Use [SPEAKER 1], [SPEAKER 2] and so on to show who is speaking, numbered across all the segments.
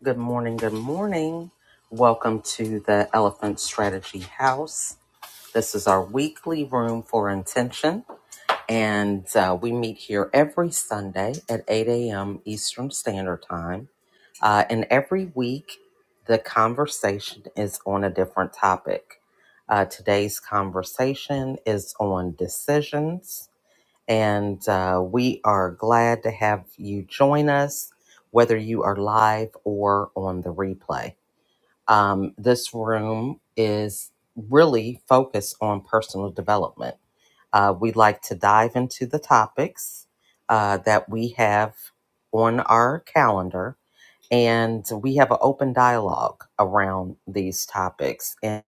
[SPEAKER 1] Good morning. Good morning. Welcome to the Elephant Strategy House. This is our weekly room for intention, and uh, we meet here every Sunday at 8 a.m. Eastern Standard Time. Uh, and every week, the conversation is on a different topic. Uh, today's conversation is on decisions, and uh, we are glad to have you join us, whether you are live or on the replay. Um, this room is really focused on personal development. Uh, we like to dive into the topics uh, that we have on our calendar, and we have an open dialogue around these topics and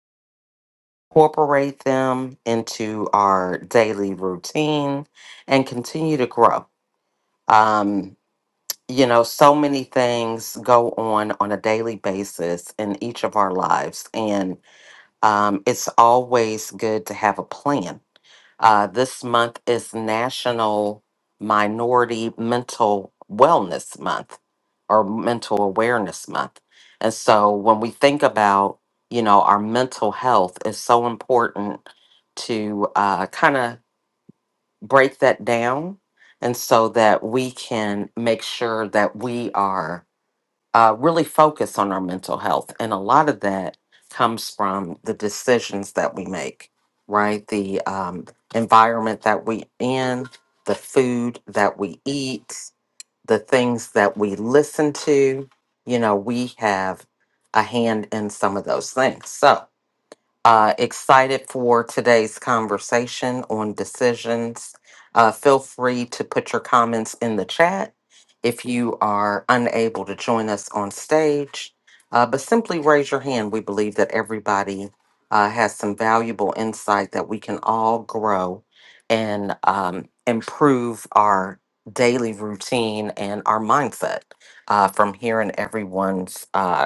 [SPEAKER 1] incorporate them into our daily routine and continue to grow. Um, you know, so many things go on on a daily basis in each of our lives, and um, it's always good to have a plan. Uh, this month is National Minority Mental Wellness Month or Mental Awareness Month. And so when we think about, you know, our mental health is so important to uh, kind of break that down. And so that we can make sure that we are uh, really focus on our mental health. And a lot of that comes from the decisions that we make, right? The um, environment that we in, the food that we eat, the things that we listen to. You know, we have a hand in some of those things. So, uh, excited for today's conversation on decisions. Uh, feel free to put your comments in the chat if you are unable to join us on stage, uh, but simply raise your hand. We believe that everybody uh, has some valuable insight that we can all grow and um, improve our daily routine and our mindset uh, from hearing everyone's. Uh,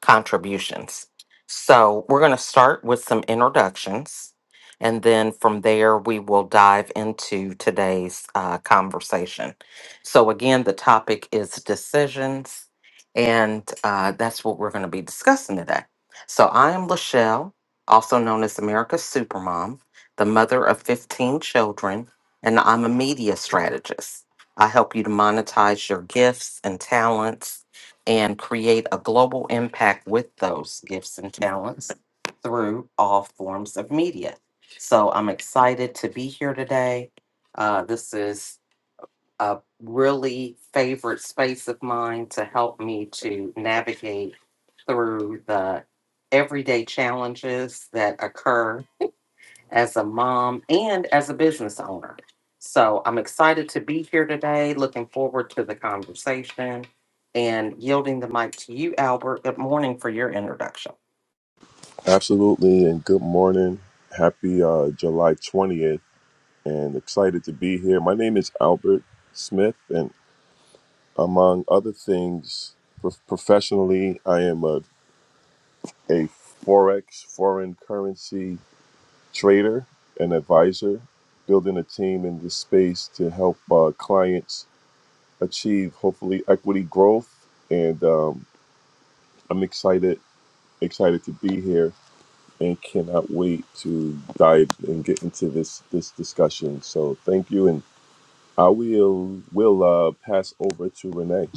[SPEAKER 1] contributions. So we're going to start with some introductions, and then from there we will dive into today's uh, conversation. So again, the topic is decisions, and uh, that's what we're going to be discussing today. So I am Lachelle, also known as America's Supermom, the mother of 15 children, and I'm a media strategist. I help you to monetize your gifts and talents and create a global impact with those gifts and talents through all forms of media. So I'm excited to be here today. Uh, this is a really favorite space of mine to help me to navigate through the everyday challenges that occur as a mom and as a business owner. So I'm excited to be here today, looking forward to the conversation and yielding the mic to you, Albert. Good morning for your introduction.
[SPEAKER 2] Absolutely, and good morning. Happy uh, July 20th, and excited to be here. My name is Albert Smith, and among other things, prof- professionally, I am a, a Forex, foreign currency trader and advisor, building a team in this space to help uh, clients achieve, hopefully, equity growth. And um, I'm excited, excited to be here and cannot wait to dive and get into this this discussion. So thank you, and I will will uh, pass over to Renee.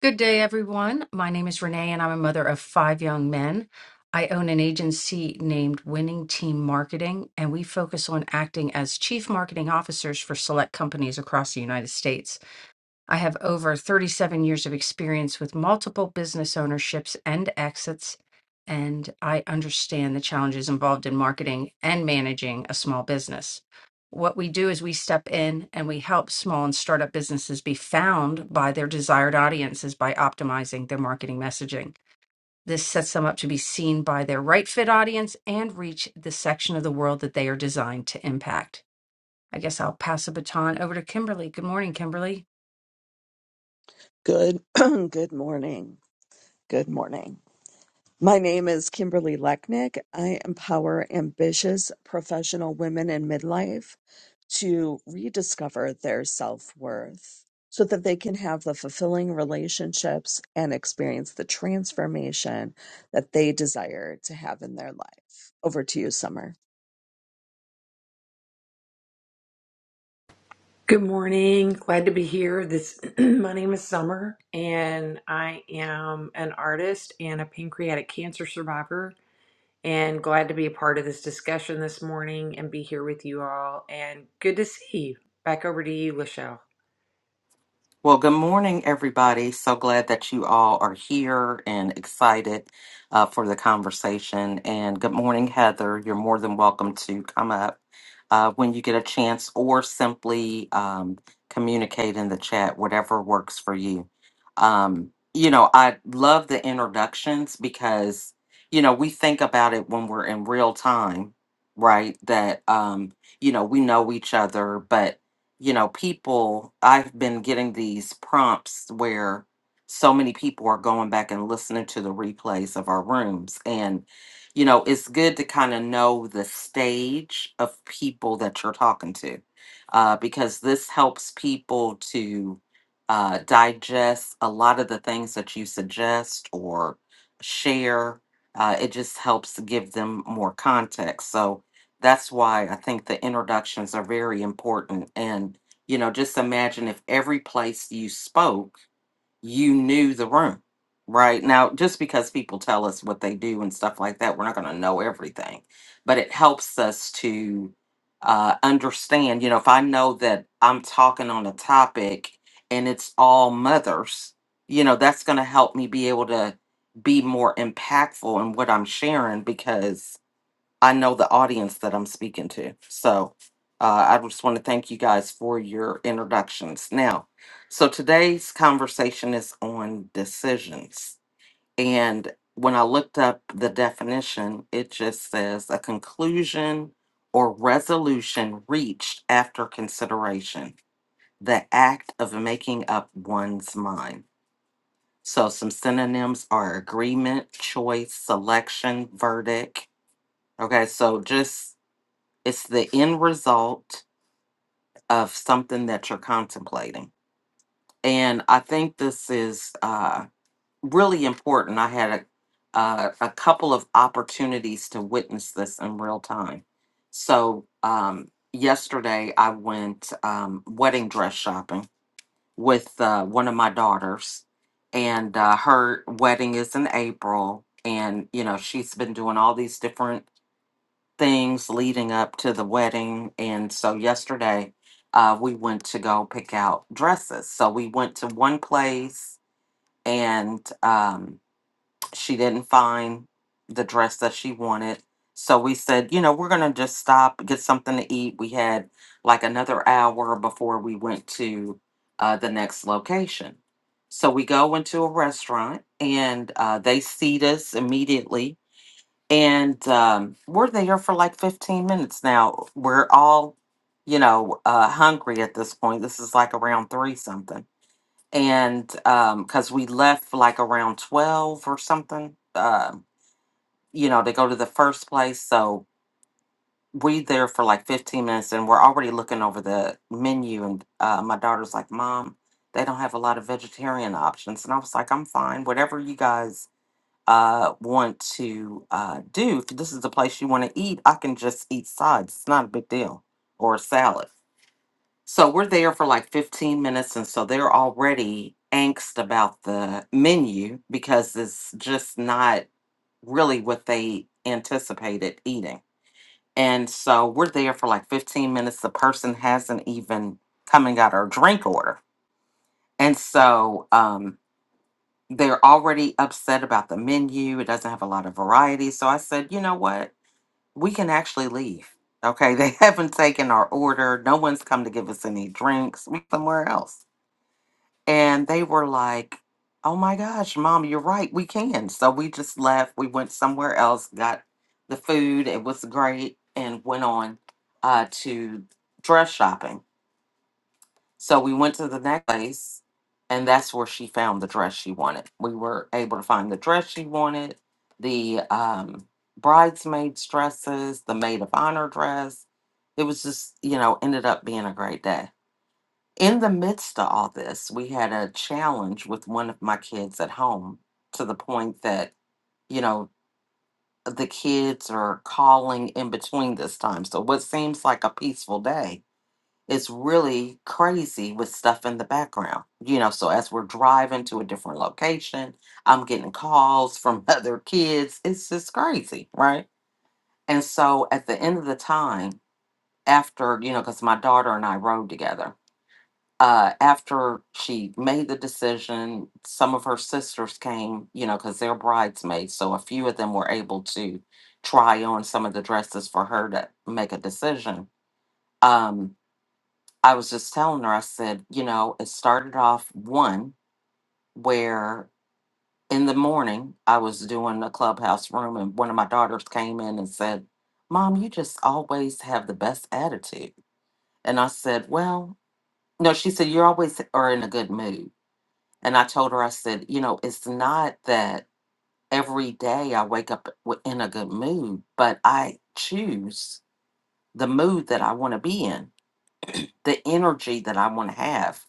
[SPEAKER 3] Good day, everyone. My name is Renee, and I'm a mother of five young men. I own an agency named Winning Team Marketing, and we focus on acting as chief marketing officers for select companies across the United States. I have over 37 years of experience with multiple business ownerships and exits, and I understand the challenges involved in marketing and managing a small business. What we do is we step in and we help small and startup businesses be found by their desired audiences by optimizing their marketing messaging. This sets them up to be seen by their right fit audience and reach the section of the world that they are designed to impact. I guess I'll pass the baton over to Kimberly. Good morning, Kimberly.
[SPEAKER 4] Good good morning. Good morning. My name is Kimberly Lechnick. I empower ambitious professional women in midlife to rediscover their self-worth so that they can have the fulfilling relationships and experience the transformation that they desire to have in their life. Over to you, Summer.
[SPEAKER 5] Good morning. Glad to be here. This my name is Summer and I am an artist and a pancreatic cancer survivor and glad to be a part of this discussion this morning and be here with you all and good to see you. Back over to you, Lachelle.
[SPEAKER 1] Well, good morning, everybody. So glad that you all are here and excited uh, for the conversation. And good morning, Heather. You're more than welcome to come up uh, when you get a chance or simply um, communicate in the chat, whatever works for you. Um, you know, I love the introductions because, you know, we think about it when we're in real time, right? That, um, you know, we know each other, but you know, people, I've been getting these prompts where so many people are going back and listening to the replays of our rooms. And, you know, it's good to kind of know the stage of people that you're talking to uh, because this helps people to uh, digest a lot of the things that you suggest or share. Uh, it just helps give them more context. So, that's why I think the introductions are very important. And, you know, just imagine if every place you spoke, you knew the room, right? Now, just because people tell us what they do and stuff like that, we're not going to know everything, but it helps us to uh, understand, you know, if I know that I'm talking on a topic and it's all mothers, you know, that's going to help me be able to be more impactful in what I'm sharing because I know the audience that I'm speaking to. So uh, I just want to thank you guys for your introductions. Now, so today's conversation is on decisions. And when I looked up the definition, it just says a conclusion or resolution reached after consideration, the act of making up one's mind. So some synonyms are agreement, choice, selection, verdict. Okay, so just it's the end result of something that you're contemplating and i think this is uh, really important i had a, uh, a couple of opportunities to witness this in real time so um, yesterday i went um, wedding dress shopping with uh, one of my daughters and uh, her wedding is in april and you know she's been doing all these different things leading up to the wedding. And so yesterday, uh, we went to go pick out dresses. So we went to one place and um, she didn't find the dress that she wanted. So we said, you know, we're going to just stop, get something to eat. We had like another hour before we went to uh, the next location. So we go into a restaurant and uh, they seat us immediately and um, we're there for like 15 minutes now. We're all, you know, uh, hungry at this point. This is like around three something. And because we left like around 12 or something, um, you know, to go to the first place. So we there for like 15 minutes and we're already looking over the menu. And uh, my daughter's like, Mom, they don't have a lot of vegetarian options. And I was like, I'm fine. Whatever you guys uh, want to uh, do, if this is the place you want to eat, I can just eat sides. It's not a big deal, or a salad. So we're there for like 15 minutes, and so they're already angst about the menu because it's just not really what they anticipated eating. And so we're there for like 15 minutes. The person hasn't even come and got our drink order. And so, um, they're already upset about the menu. It doesn't have a lot of variety. So I said, you know what? We can actually leave. Okay. They haven't taken our order. No one's come to give us any drinks. We somewhere else. And they were like, oh my gosh, mom, you're right. We can. So we just left. We went somewhere else, got the food. It was great and went on uh, to dress shopping. So we went to the next place, and that's where she found the dress she wanted. We were able to find the dress she wanted, the um, bridesmaids' dresses, the maid of honor dress. It was just, you know, ended up being a great day. In the midst of all this, we had a challenge with one of my kids at home to the point that, you know, the kids are calling in between this time. So what seems like a peaceful day it's really crazy with stuff in the background. You know, so as we're driving to a different location, I'm getting calls from other kids. It's just crazy, right? And so at the end of the time, after, you know, because my daughter and I rode together, uh, after she made the decision, some of her sisters came, you know, because they're bridesmaids. So a few of them were able to try on some of the dresses for her to make a decision. Um, I was just telling her, I said, you know, it started off one where in the morning I was doing a clubhouse room and one of my daughters came in and said, Mom, you just always have the best attitude. And I said, Well, no, she said, You always are in a good mood. And I told her, I said, You know, it's not that every day I wake up w- in a good mood, but I choose the mood that I want to be in, the energy that I want to have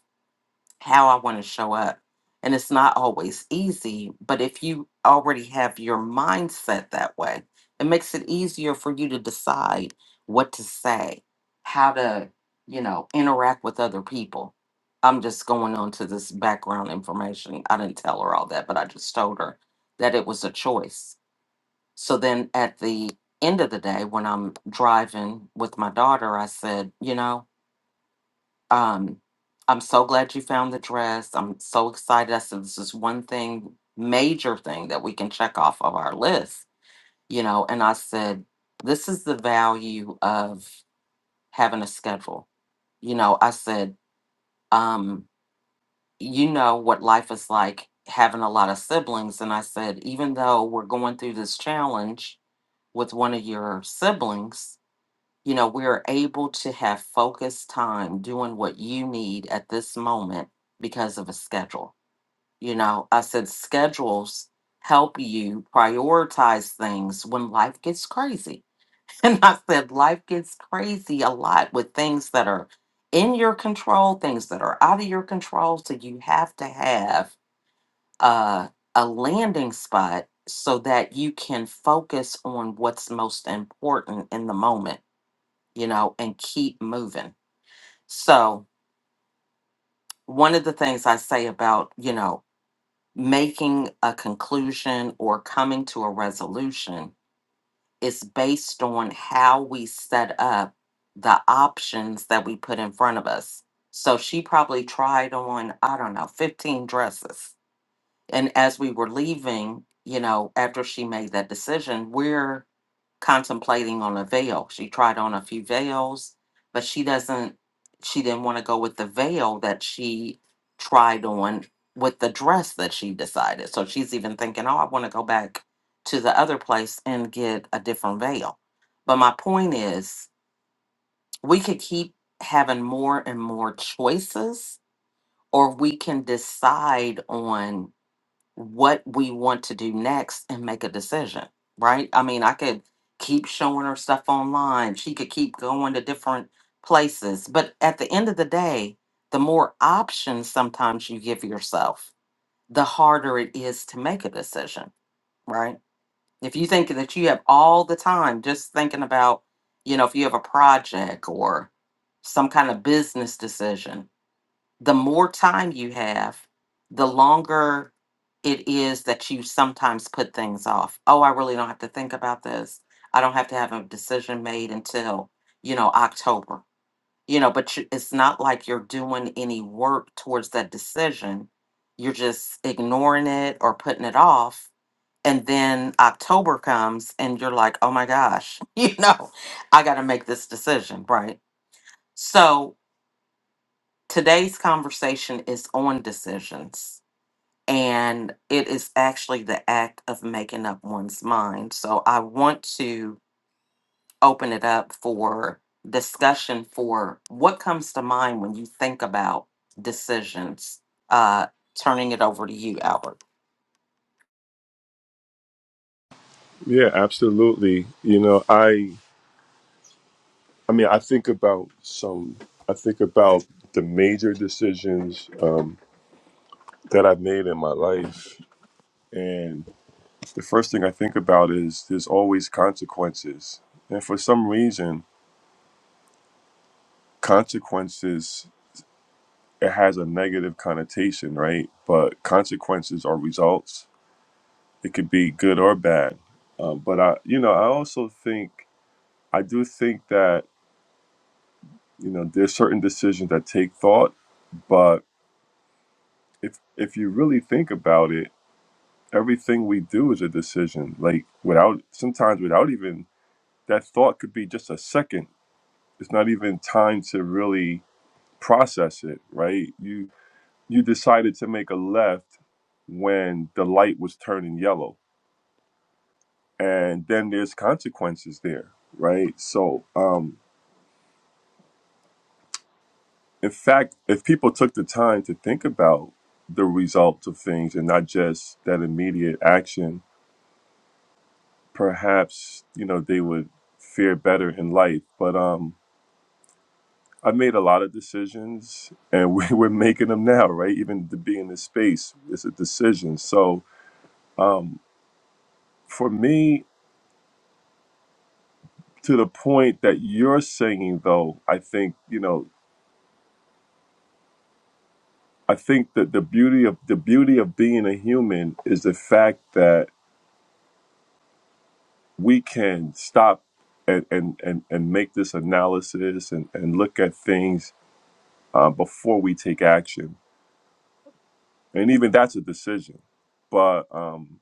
[SPEAKER 1] how I want to show up. And it's not always easy, but if you already have your mindset that way, it makes it easier for you to decide what to say, how to, you know, interact with other people. I'm just going on to this background information. I didn't tell her all that, but I just told her that it was a choice. So then at the end of the day, when I'm driving with my daughter, I said, you know, um, I'm so glad you found the dress. I'm so excited. I said, this is one thing, major thing that we can check off of our list, you know. And I said, this is the value of having a schedule. You know, I said, um, you know what life is like having a lot of siblings. And I said, even though we're going through this challenge with one of your siblings, you know, we're able to have focused time doing what you need at this moment because of a schedule. You know, I said schedules help you prioritize things when life gets crazy. And I said life gets crazy a lot with things that are in your control, things that are out of your control. So you have to have uh, a landing spot so that you can focus on what's most important in the moment you know, and keep moving. So, one of the things I say about, you know, making a conclusion or coming to a resolution is based on how we set up the options that we put in front of us. So, she probably tried on, I don't know, 15 dresses. And as we were leaving, you know, after she made that decision, we're contemplating on a veil. She tried on a few veils, but she doesn't she didn't want to go with the veil that she tried on with the dress that she decided. So she's even thinking, "Oh, I want to go back to the other place and get a different veil." But my point is, we could keep having more and more choices or we can decide on what we want to do next and make a decision, right? I mean, I could keep showing her stuff online. She could keep going to different places. But at the end of the day, the more options sometimes you give yourself, the harder it is to make a decision, right? If you think that you have all the time just thinking about, you know, if you have a project or some kind of business decision the more time you have, the longer it is that you sometimes put things off. Oh, I really don't have to think about this. I don't have to have a decision made until, you know, October. You know, but you, it's not like you're doing any work towards that decision. You're just ignoring it or putting it off. And then October comes and you're like, oh my gosh, you know, I got to make this decision, right? So Today's conversation is on decisions, and it is actually the act of making up one's mind. So I want to open it up for discussion for what comes to mind when you think about decisions. Uh, turning it over to you, Albert.
[SPEAKER 2] Yeah, absolutely. You know, I I mean, I think about some. I think about the major decisions um, that I've made in my life, and the first thing I think about is there's always consequences, and for some reason, consequences it has a negative connotation, right? But consequences are results. It could be good or bad. Um, but I, you know, I also think I do think that you know there's certain decisions that take thought. But if if you really think about it, everything we do is a decision. Like without sometimes without even that thought could be just a second. It's not even time to really process it, right? You you decided to make a left when the light was turning yellow and then there's consequences there, right? So, um, in fact, if people took the time to think about the results of things and not just that immediate action, perhaps you know they would fare better in life. But um, I made a lot of decisions, and we, we're making them now, right? Even to be in this space is a decision. So, um, for me, to the point that you're saying, though, I think you know I think that the beauty of the beauty of being a human is the fact that we can stop and and and, and make this analysis and and look at things uh, before we take action, and even that's a decision. But um,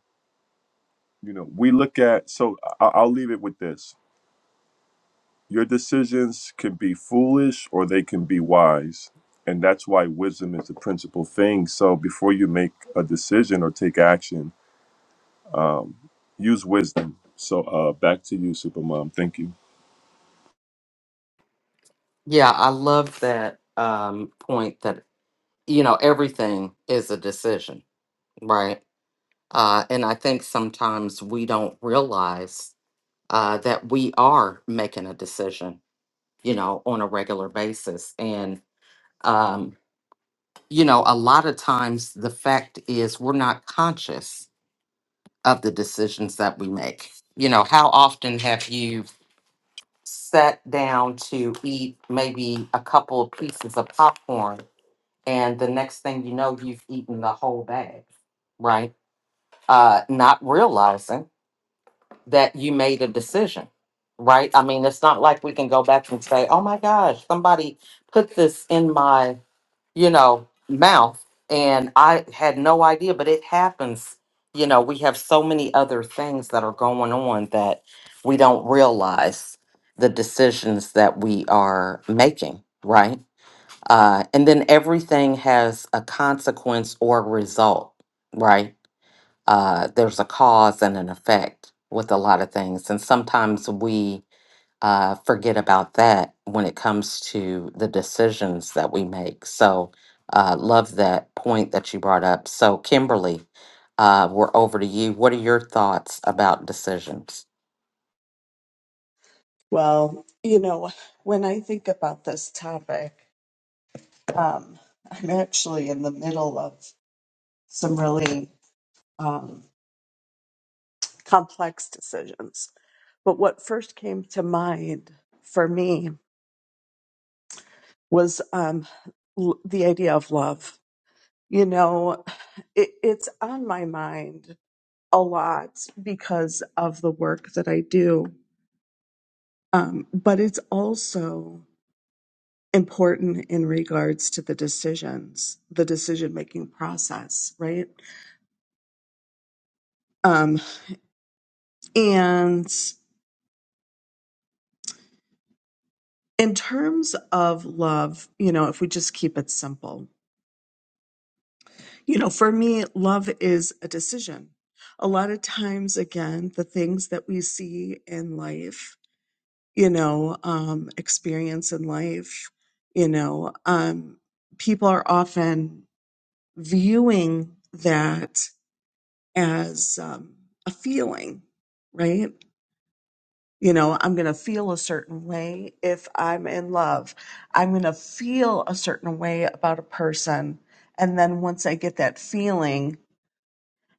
[SPEAKER 2] you know, we look at so I, I'll leave it with this: your decisions can be foolish or they can be wise. And that's why wisdom is the principal thing. So before you make a decision or take action, Use wisdom. So uh, back to you, Supermom. Thank you.
[SPEAKER 1] Yeah, I love that um, point that, you know, everything is a decision, right? Uh, and I think sometimes we don't realize uh, that we are making a decision, you know, on a regular basis. And, um, you know, a lot of times the fact is we're not conscious of the decisions that we make. You know, how often have you sat down to eat maybe a couple of pieces of popcorn and the next thing you know, you've eaten the whole bag, right? Uh, not realizing that you made a decision, right? I mean, it's not like we can go back and say, oh my gosh, somebody put this in my, you know, mouth and I had no idea, but it happens. You know, we have so many other things that are going on that we don't realize the decisions that we are making, right? Uh, and then everything has a consequence or result, right? uh, there's a cause and an effect with a lot of things. And sometimes we uh, forget about that when it comes to the decisions that we make. So, uh, love that point that you brought up. So, Kimberly, uh, we're over to you. What are your thoughts about decisions?
[SPEAKER 4] Well, you know, when I think about this topic, um, I'm actually in the middle of some really um, complex decisions. But what first came to mind for me was um, l- the idea of love. You know, it, it's on my mind a lot because of the work that I do, um, but it's also important in regards to the decisions, the decision making process, right? Um, and in terms of love, you know, if we just keep it simple, You know, for me, love is a decision. A lot of times, again, the things that we see in life, you know, um, experience in life, you know, um, people are often viewing that as um, a feeling, right? You know, I'm going to feel a certain way if I'm in love. I'm going to feel a certain way about a person. And then once I get that feeling,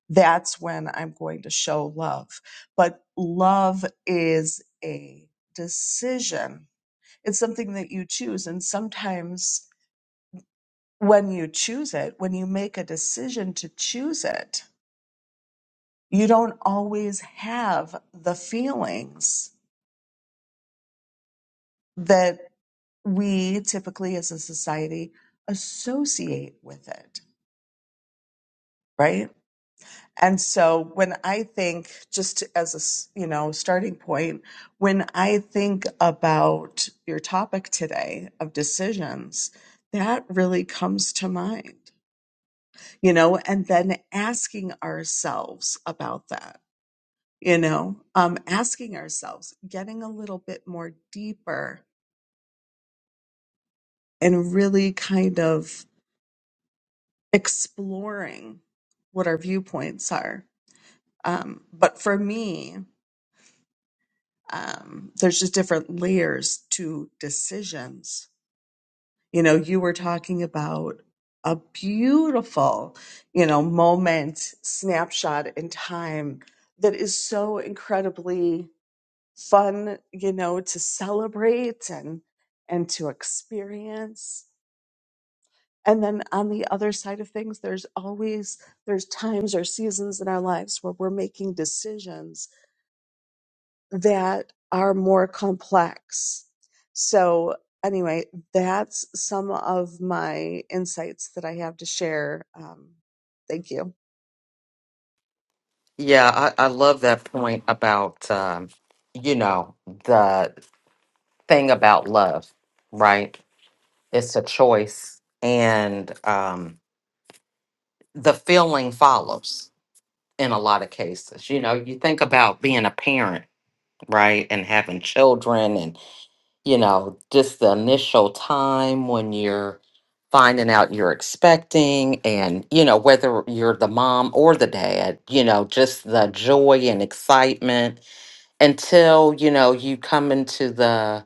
[SPEAKER 4] that's when I'm going to show love. But love is a decision, it's something that you choose. And sometimes when you choose it, when you make a decision to choose it, you don't always have the feelings that we typically as a society associate with it, right? And so when I think, just as a, s- you know, starting point, when I think about your topic today of decisions, that really comes to mind, you know, and then asking ourselves about that, you know, um, asking ourselves, getting a little bit more deeper and really kind of exploring what our viewpoints are. Um, but for me, um, there's just different layers to decisions. You know, you were talking about a beautiful, you know, moment, snapshot in time that is so incredibly fun, you know, to celebrate and and to experience. And then on the other side of things, there's always there's times or seasons in our lives where we're making decisions that are more complex. So, anyway, that's some of my insights that I have to share. Um, thank you.
[SPEAKER 1] Yeah, I, I love that point about, um, you know, the thing about love, right? It's a choice, and um, the feeling follows in a lot of cases. You know, you think about being a parent, right, and having children, and, you know, just the initial time when you're finding out you're expecting, and, you know, whether you're the mom or the dad, you know, just the joy and excitement until, you know, you come into the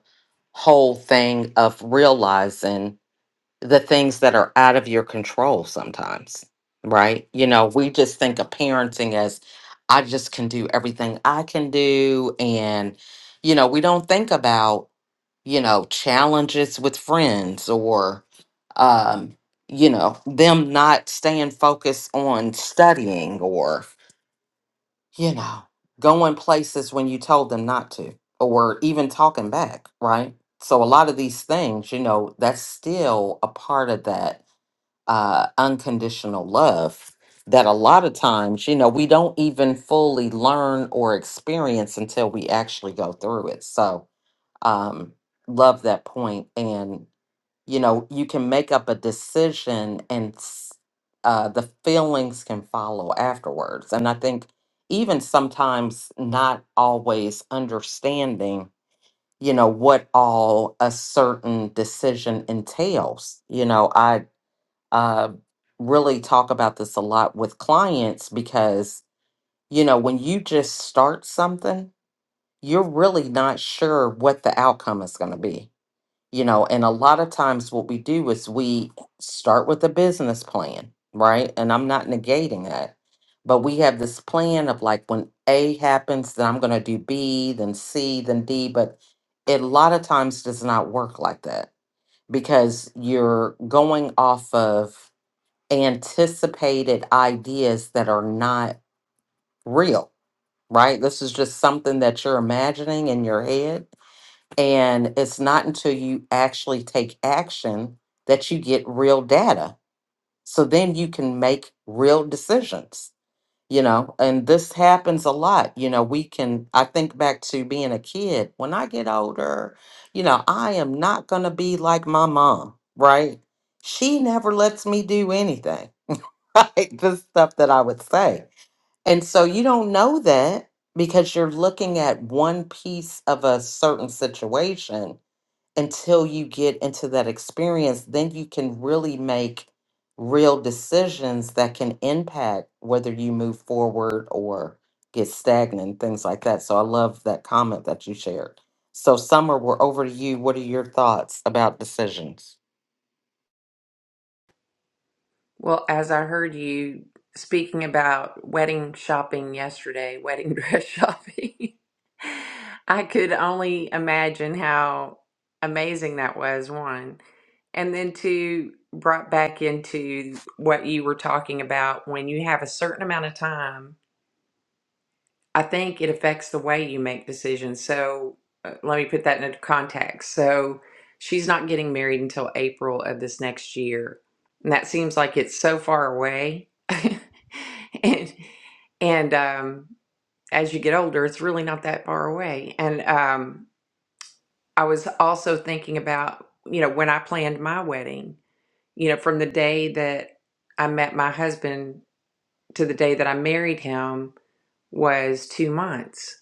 [SPEAKER 1] whole thing of realizing the things that are out of your control sometimes, right? You know, we just think of parenting as I just can do everything I can do. And, you know, we don't think about, you know, challenges with friends or, um, you know, them not staying focused on studying or, you know, going places when you told them not to or even talking back, right? So a lot of these things, you know, that's still a part of that uh, unconditional love that a lot of times, you know, we don't even fully learn or experience until we actually go through it. So, um, love that point. And, you know, you can make up a decision and s- uh, the feelings can follow afterwards. And I think even sometimes not always understanding you know what all a certain decision entails you know i uh, really talk about this a lot with clients because, you know, when you just start something, you're really not sure what the outcome is going to be, you know. And a lot of times, what we do is we start with a business plan, right? And I'm not negating that, but we have this plan of like when A happens, then I'm going to do B, then C, then D. But it a lot of times does not work like that because you're going off of anticipated ideas that are not real, right? This is just something that you're imagining in your head. And it's not until you actually take action that you get real data. So then you can make real decisions, you know, and this happens a lot. You know, we can, I think back to being a kid. When I get older, you know, I am not going to be like my mom, right? She never lets me do anything right? The stuff that I would say. And so you don't know that because you're looking at one piece of a certain situation until you get into that experience. Then you can really make real decisions that can impact whether you move forward or get stagnant, things like that. So I love that comment that you shared. So, Summer, we're over to you. What are your thoughts about decisions?
[SPEAKER 5] Well, as I heard you speaking about wedding shopping yesterday, wedding dress shopping, I could only imagine how amazing that was, one. And then two, brought back into what you were talking about when you have a certain amount of time I think it affects the way you make decisions. So uh, let me put that into context. So she's not getting married until April of this next year. And that seems like it's so far away. and and um, as you get older, it's really not that far away. And um, I was also thinking about, you know, when I planned my wedding, you know, from the day that I met my husband to the day that I married him was two months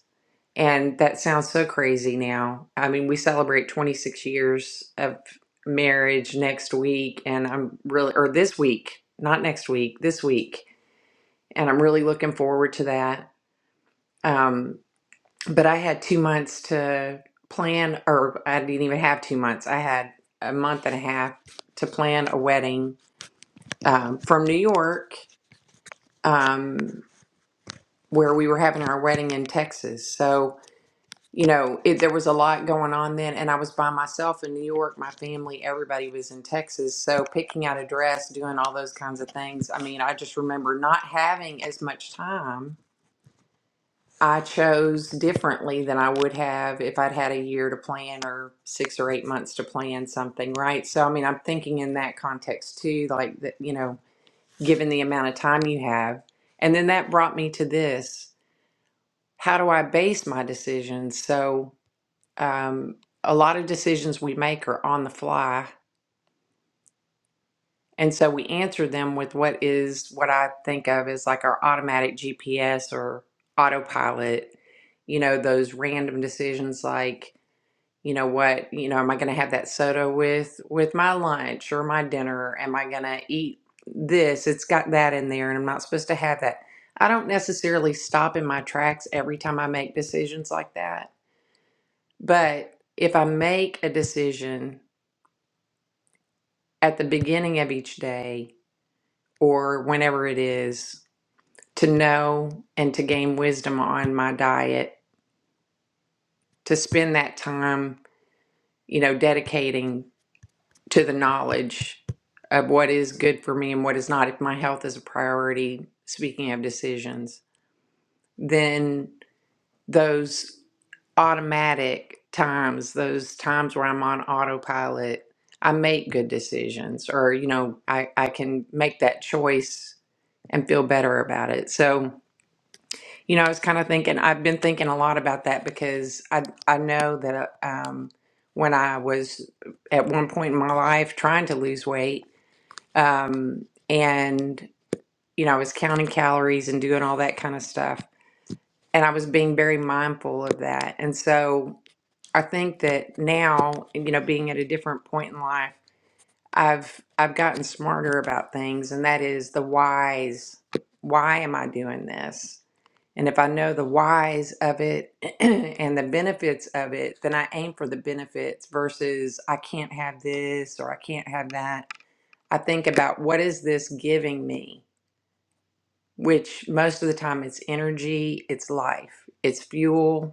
[SPEAKER 5] and that sounds so crazy now. I mean, we celebrate 26 years of marriage next week, and I'm really, or this week, not next week, this week. And I'm really looking forward to that. Um, but I had two months to plan, or I didn't even have two months. I had a month and a half to plan a wedding um, from New York, um, where we were having our wedding in Texas. So, you know, it, there was a lot going on then, and I was by myself in New York. My family, everybody was in Texas. So picking out a dress, doing all those kinds of things. I mean, I just remember not having as much time. I chose differently than I would have if I'd had a year to plan or six or eight months to plan something, right? So, I mean, I'm thinking in that context too, like that, you know, given the amount of time you have. And then that brought me to this. How do I base my decisions? So, um, a lot of decisions we make are on the fly. And so we answer them with what is what I think of as like our automatic GPS or autopilot, you know, those random decisions like, you know what, you know, am I going to have that soda with with my lunch or my dinner? Am I going to eat this? It's got that in there and I'm not supposed to have that. I don't necessarily stop in my tracks every time I make decisions like that. But if I make a decision at the beginning of each day or whenever it is to know and to gain wisdom on my diet, to spend that time, you know, dedicating to the knowledge of what is good for me and what is not. If my health is a priority, speaking of decisions, then those. automatic times, those times where I'm on autopilot, I make good decisions or, you know, I, I can make that choice and feel better about it. So, you know, I was kind of thinking, I've been thinking a lot about that because I, I know that um, when I was at one point in my life trying to lose weight um, and, you know, I was counting calories and doing all that kind of stuff. And I was being very mindful of that. And so I think that now, you know, being at a different point in life, I've I've gotten smarter about things, and that is the whys. Why am I doing this? And if I know the whys of it and the benefits of it, then I aim for the benefits versus I can't have this or I can't have that. I think about what is this giving me, which most of the time it's energy, it's life, it's fuel,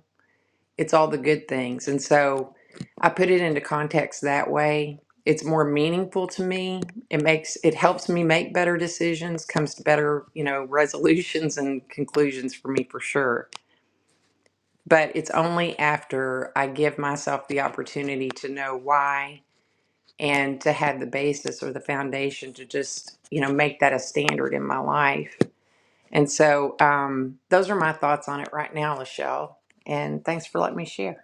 [SPEAKER 5] it's all the good things. And so I put it into context that way. It's more meaningful to me. It makes it helps me make better decisions, comes to better, you know, resolutions and conclusions for me for sure. But it's only after I give myself the opportunity to know why and to have the basis or the foundation to just, you know, make that a standard in my life. And so um, those are my thoughts on it right now, Lachelle. And thanks for letting me share.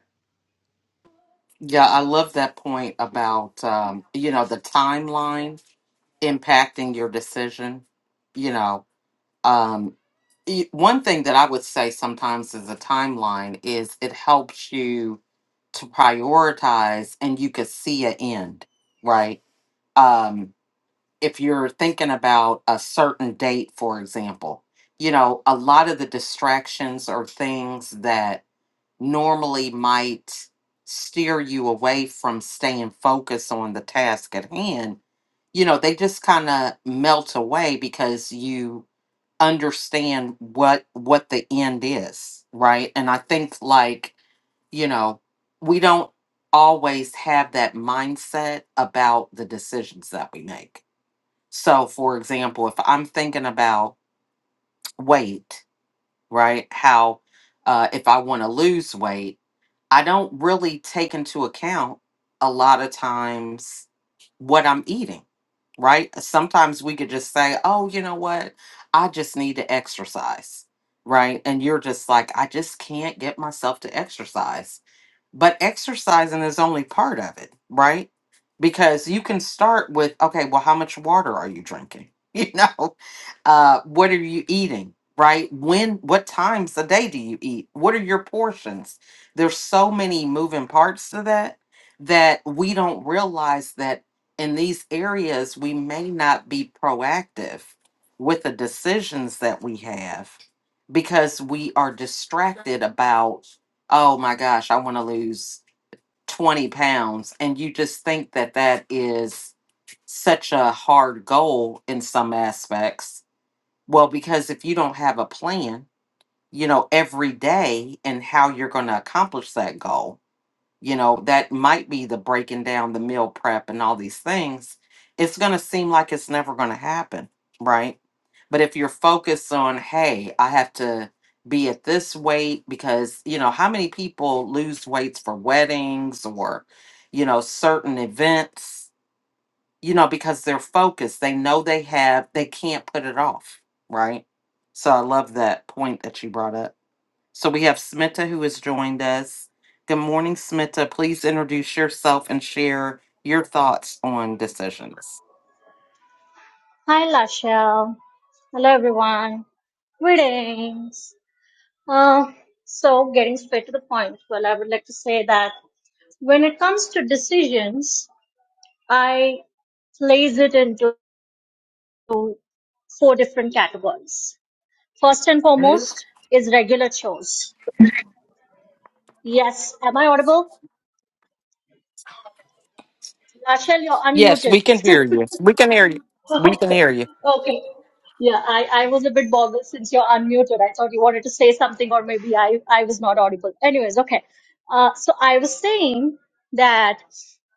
[SPEAKER 1] Yeah, I love that point about, um, you know, the timeline impacting your decision you know um e- one thing that i would say sometimes is a timeline is it helps you to prioritize and you could see an end right um if you're thinking about a certain date for example you know a lot of the distractions are things that normally might steer you away from staying focused on the task at hand, you know, they just kind of melt away because you understand what what the end is, right? And I think like, you know, we don't always have that mindset about the decisions that we make. So, for example, if I'm thinking about weight, right? How uh if I want to lose weight, I don't really take into account a lot of times what I'm eating, right? Sometimes we could just say, oh, you know what? I just need to exercise, right? And you're just like, I just can't get myself to exercise but exercising is only part of it, right? Because you can start with, okay, well, how much water are you drinking? You know, uh, what are you eating, right? When, what times a day do you eat? What are your portions? There's so many moving parts to that that we don't realize that in these areas, we may not be proactive with the decisions that we have because we are distracted about oh my gosh, I want to lose 20 pounds. And you just think that that is such a hard goal in some aspects. Well, because if you don't have a plan, you know, every day and how you're going to accomplish that goal, you know, that might be the breaking down the meal prep and all these things, it's going to seem like it's never going to happen, right? But if you're focused on, hey, I have to be at this weight because, you know, how many people lose weights for weddings or, you know, certain events, you know, because they're focused. They know they have, they can't put it off, right? So I love that point that you brought up. So we have Smita who has joined us. Good morning, Smita. Please introduce yourself and share your thoughts on decisions.
[SPEAKER 6] Hi, Lachelle. Hello, everyone. Greetings. Uh, so, getting straight to the point, well, I would like to say that when it comes to decisions, I place it into four different categories. First and
[SPEAKER 1] Move.
[SPEAKER 6] foremost is regular chores. Yes, am I audible? Lachelle, you're
[SPEAKER 1] Yes,
[SPEAKER 6] unmuted.
[SPEAKER 1] we can hear you. We can hear you. We can hear you.
[SPEAKER 6] Okay. Yeah, I, I was a bit boggled since you're unmuted. I thought you wanted to say something, or maybe I, I was not audible. Anyways, okay. Uh, so I was saying that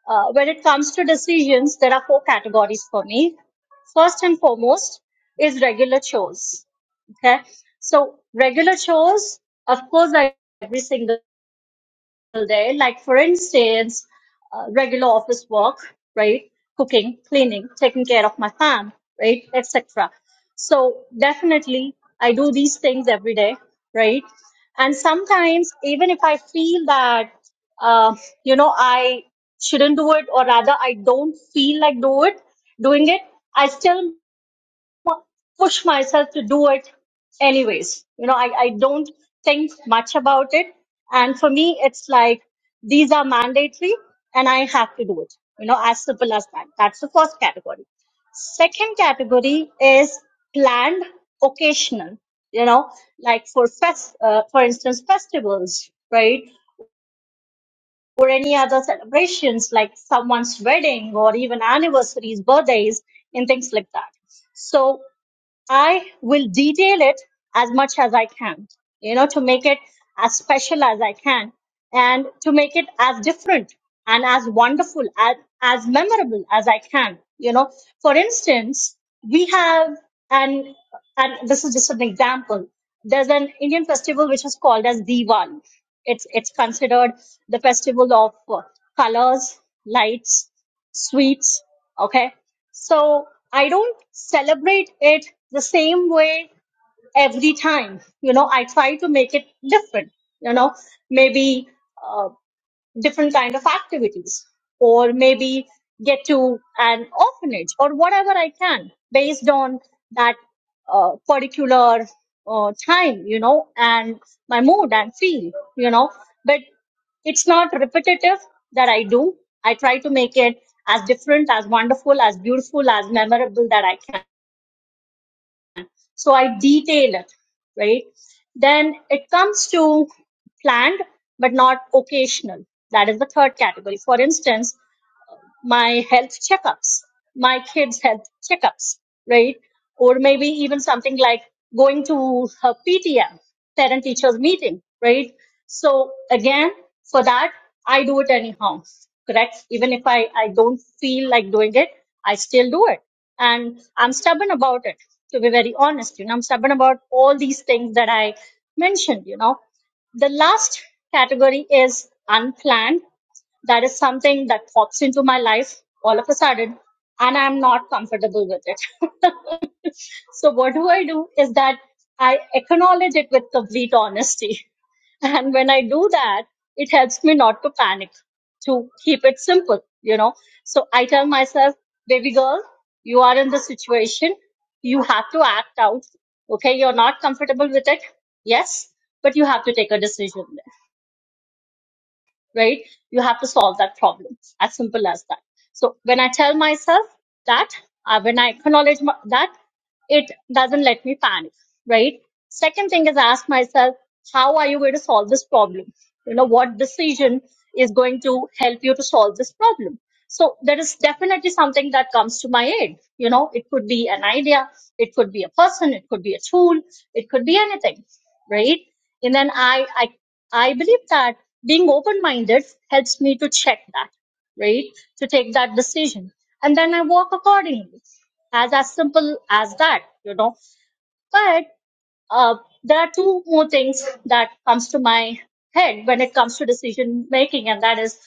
[SPEAKER 6] uh, when it comes to decisions, there are four categories for me. First and foremost is regular chores. Okay. So regular chores, of course, I do every single day. Like for instance, uh, regular office work, right? Cooking, cleaning, taking care of my fam, right, etc. So definitely, I do these things every day, right? And sometimes, even if I feel that, uh, you know, I shouldn't do it, or rather, I don't feel like do it, doing it, I still push myself to do it anyways. You know, I, I don't think much about it. And for me, it's like these are mandatory and I have to do it. You know, as simple as that. That's the first category. Second category is planned occasional, you know, like for fest, uh, for instance, festivals, right? Or any other celebrations like someone's wedding or even anniversaries, birthdays, and things like that. So I will detail it as much as I can, you know, to make it as special as I can and to make it as different and as wonderful as as memorable as I can, you know. For instance, we have and and this is just an example. There's an Indian festival which is called as Diwali. It's it's considered the festival of colors, lights, sweets. Okay. So I don't celebrate it the same way every time. You know, I try to make it different. You know, maybe uh, different kind of activities or maybe get to an orphanage or whatever i can based on that uh, particular uh, time you know and my mood and feel you know but it's not repetitive that i do i try to make it as different as wonderful as beautiful as memorable that i can so I detail it, right? Then it comes to planned but not occasional. That is the third category. For instance, my health checkups, my kids' health checkups, right? Or maybe even something like going to her PTM, parent teachers meeting, right? So again, for that, I do it anyhow, correct? Even if I, I don't feel like doing it, I still do it. And I'm stubborn about it, to be very honest. You know, I'm stubborn about all these things that I mentioned, you know. The last category is unplanned that is something that pops into my life all of a sudden, and I'm not comfortable with it. So, what do I do is that I acknowledge it with complete honesty. And when I do that, it helps me not to panic, to keep it simple, you know. So I tell myself, baby girl, you are in this situation. You have to act out. Okay. You're not comfortable with it. Yes. But you have to take a decision. right? You have to solve that problem. As simple as that. So when I tell myself that, uh, when I acknowledge my, that, it doesn't let me panic, right? Second thing is ask myself, how are you going to solve this problem? You know, what decision is going to help you to solve this problem? So there is definitely something that comes to my aid. You know, it could be an idea, it could be a person, it could be a tool, it could be anything, right? And then I I I believe that being open-minded helps me to check that, right? To take that decision. And then I walk accordingly. As as simple as that, you know. But uh, there are two more things that comes to my head when it comes to decision making, and that is,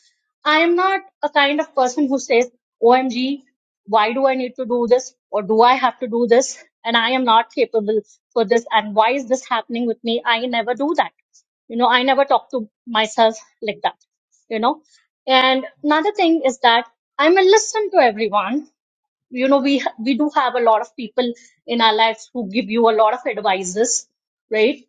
[SPEAKER 6] I am not a kind of person who says, "OMG, why do I need to do this, or do I have to do this, and I am not capable for this, and why is this happening with me?" I never do that. You know, I never talk to myself like that. You know, and another thing is that I'm a listen to everyone you know we we do have a lot of people in our lives who give you a lot of advices right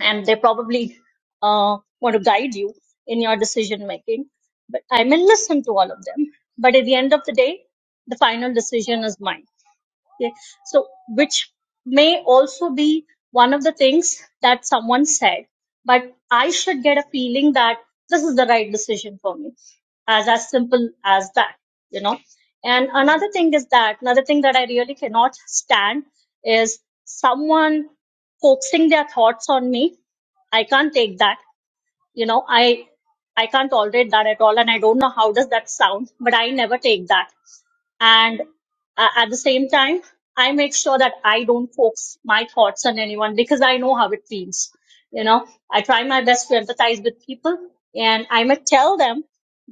[SPEAKER 6] and they probably uh, want to guide you in your decision making but i may listen to all of them but at the end of the day the final decision is mine yeah. So, which may also be one of the things that someone said, but I should get a feeling that this is the right decision for me. As as simple as that, you know. And another thing is that another thing that I really cannot stand is someone coaxing their thoughts on me. I can't take that. You know, I I can't tolerate that at all, and I don't know how does that sound, but I never take that and uh, at the same time i make sure that i don't focus my thoughts on anyone because i know how it feels you know i try my best to empathize with people and i might tell them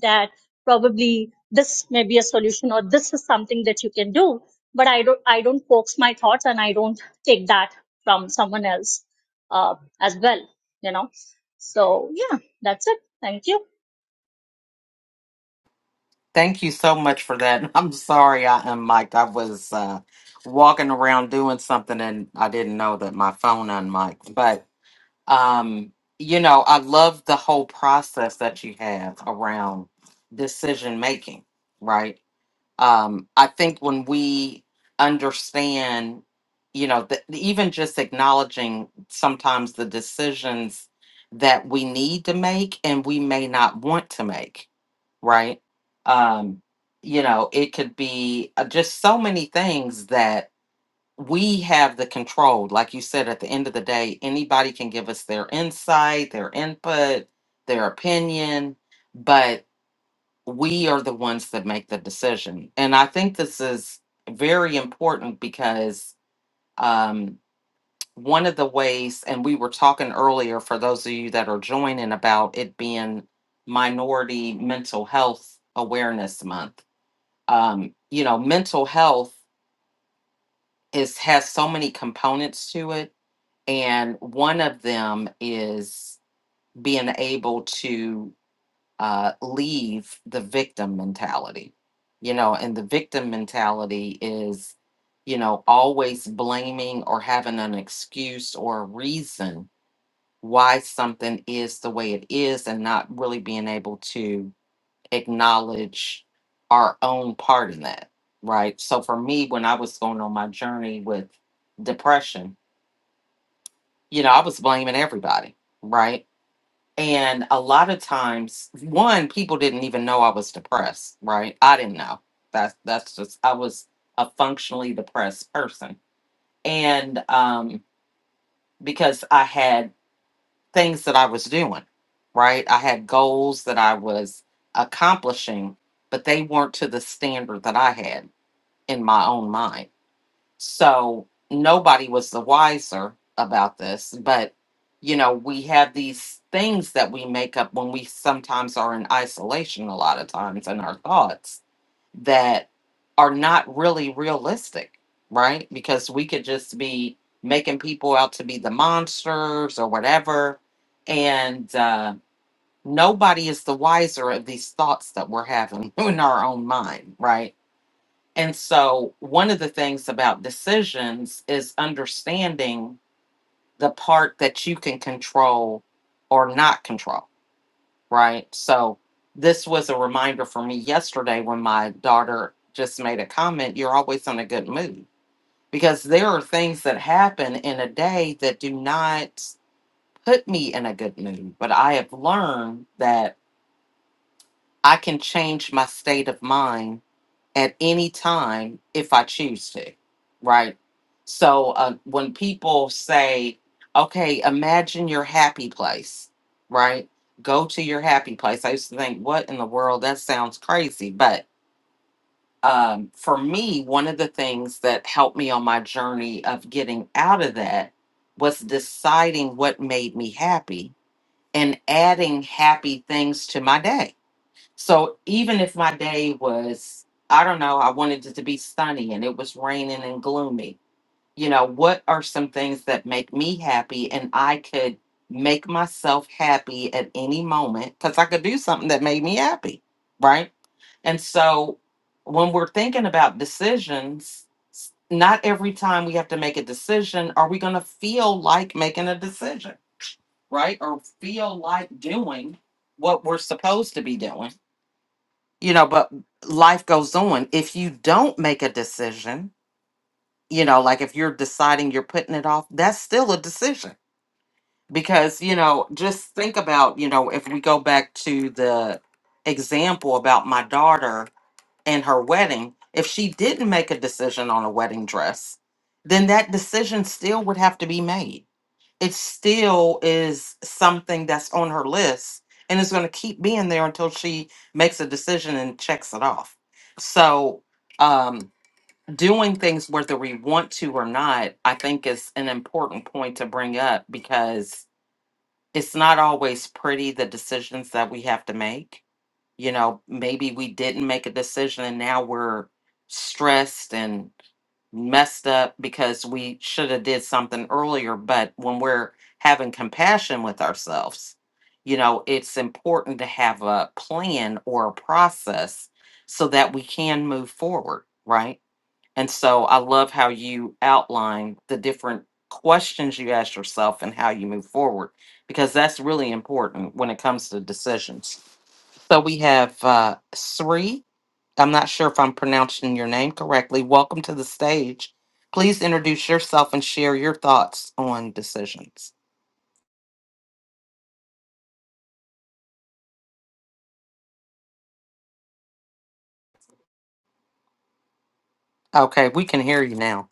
[SPEAKER 6] that probably this may be a solution or this is something that you can do but i don't i don't focus my thoughts and i don't take that from someone else uh, as well you know so yeah that's it thank you
[SPEAKER 1] Thank you so much for that. I'm sorry I am mic I was uh, walking around doing something and I didn't know that my phone unmiked. But um, you know, I love the whole process that you have around decision making, right? um, I think when we understand, you know, the, even just acknowledging sometimes the decisions that we need to make and we may not want to make, right? Um, you know, it could be uh, just so many things that we have the control. Like you said, at the end of the day, anybody can give us their insight, their input, their opinion, but we are the ones that make the decision. And I think this is very important because um, one of the ways, and we were talking earlier for those of you that are joining about it being Minority Mental Health Awareness Month. Um, you know, mental health is has so many components to it, and one of them is being able to uh, leave the victim mentality, you know, and the victim mentality is, you know, always blaming or having an excuse or a reason why something is the way it is and not really being able to acknowledge our own part in that, right? So for me, when I was going on my journey with depression, you know, I was blaming everybody, right? And a lot of times, one, people didn't even know I was depressed, right? I didn't know. That's that's just I was a functionally depressed person. And um because I had things that I was doing, right? I had goals that I was accomplishing, but they weren't to the standard that I had in my own mind so nobody was the wiser about this, but you know, we have these things that we make up when we sometimes are in isolation a lot of times in our thoughts that are not really realistic, right? Because we could just be making people out to be the monsters or whatever. And uh, nobody is the wiser of these thoughts that we're having in our own mind, right? And so, one of the things about decisions is understanding the part that you can control or not control, right? So, this was a reminder for me yesterday when my daughter just made a comment you're always in a good mood because there are things that happen in a day that do not put me in a good mood. But I have learned that I can change my state of mind at any time if I choose to, right? So uh, when people say, okay, imagine your happy place, right? Go to your happy place. I used to think, what in the world? That sounds crazy. But um, for me, one of the things that helped me on my journey of getting out of that was deciding what made me happy and adding happy things to my day so even if my day was, I don't know, I wanted it to be sunny and it was raining and gloomy, you know, what are some things that make me happy and I could make myself happy at any moment because I could do something that made me happy, right? And so when we're thinking about decisions, s- not every time we have to make a decision are we going to feel like making a decision, right? Or feel like doing what we're supposed to be doing you know but life goes on if you don't make a decision you know like if you're deciding you're putting it off that's still a decision because you know just think about you know if we go back to the example about my daughter and her wedding if she didn't make a decision on a wedding dress then that decision still would have to be made it still is something that's on her list and it's going to keep being there until she makes a decision and checks it off so um doing things whether we want to or not i think is an important point to bring up because it's not always pretty the decisions that we have to make you know maybe we didn't make a decision and now we're stressed and messed up because we should have did something earlier but when we're having compassion with ourselves you know it's important to have a plan or a process so that we can move forward right and so i love how you outline the different questions you ask yourself and how you move forward because that's really important when it comes to decisions so we have uh, Sri. I'm not sure if I'm pronouncing your name correctly. Welcome to the stage. Please introduce yourself and share your thoughts on decisions. Okay, we can hear you now.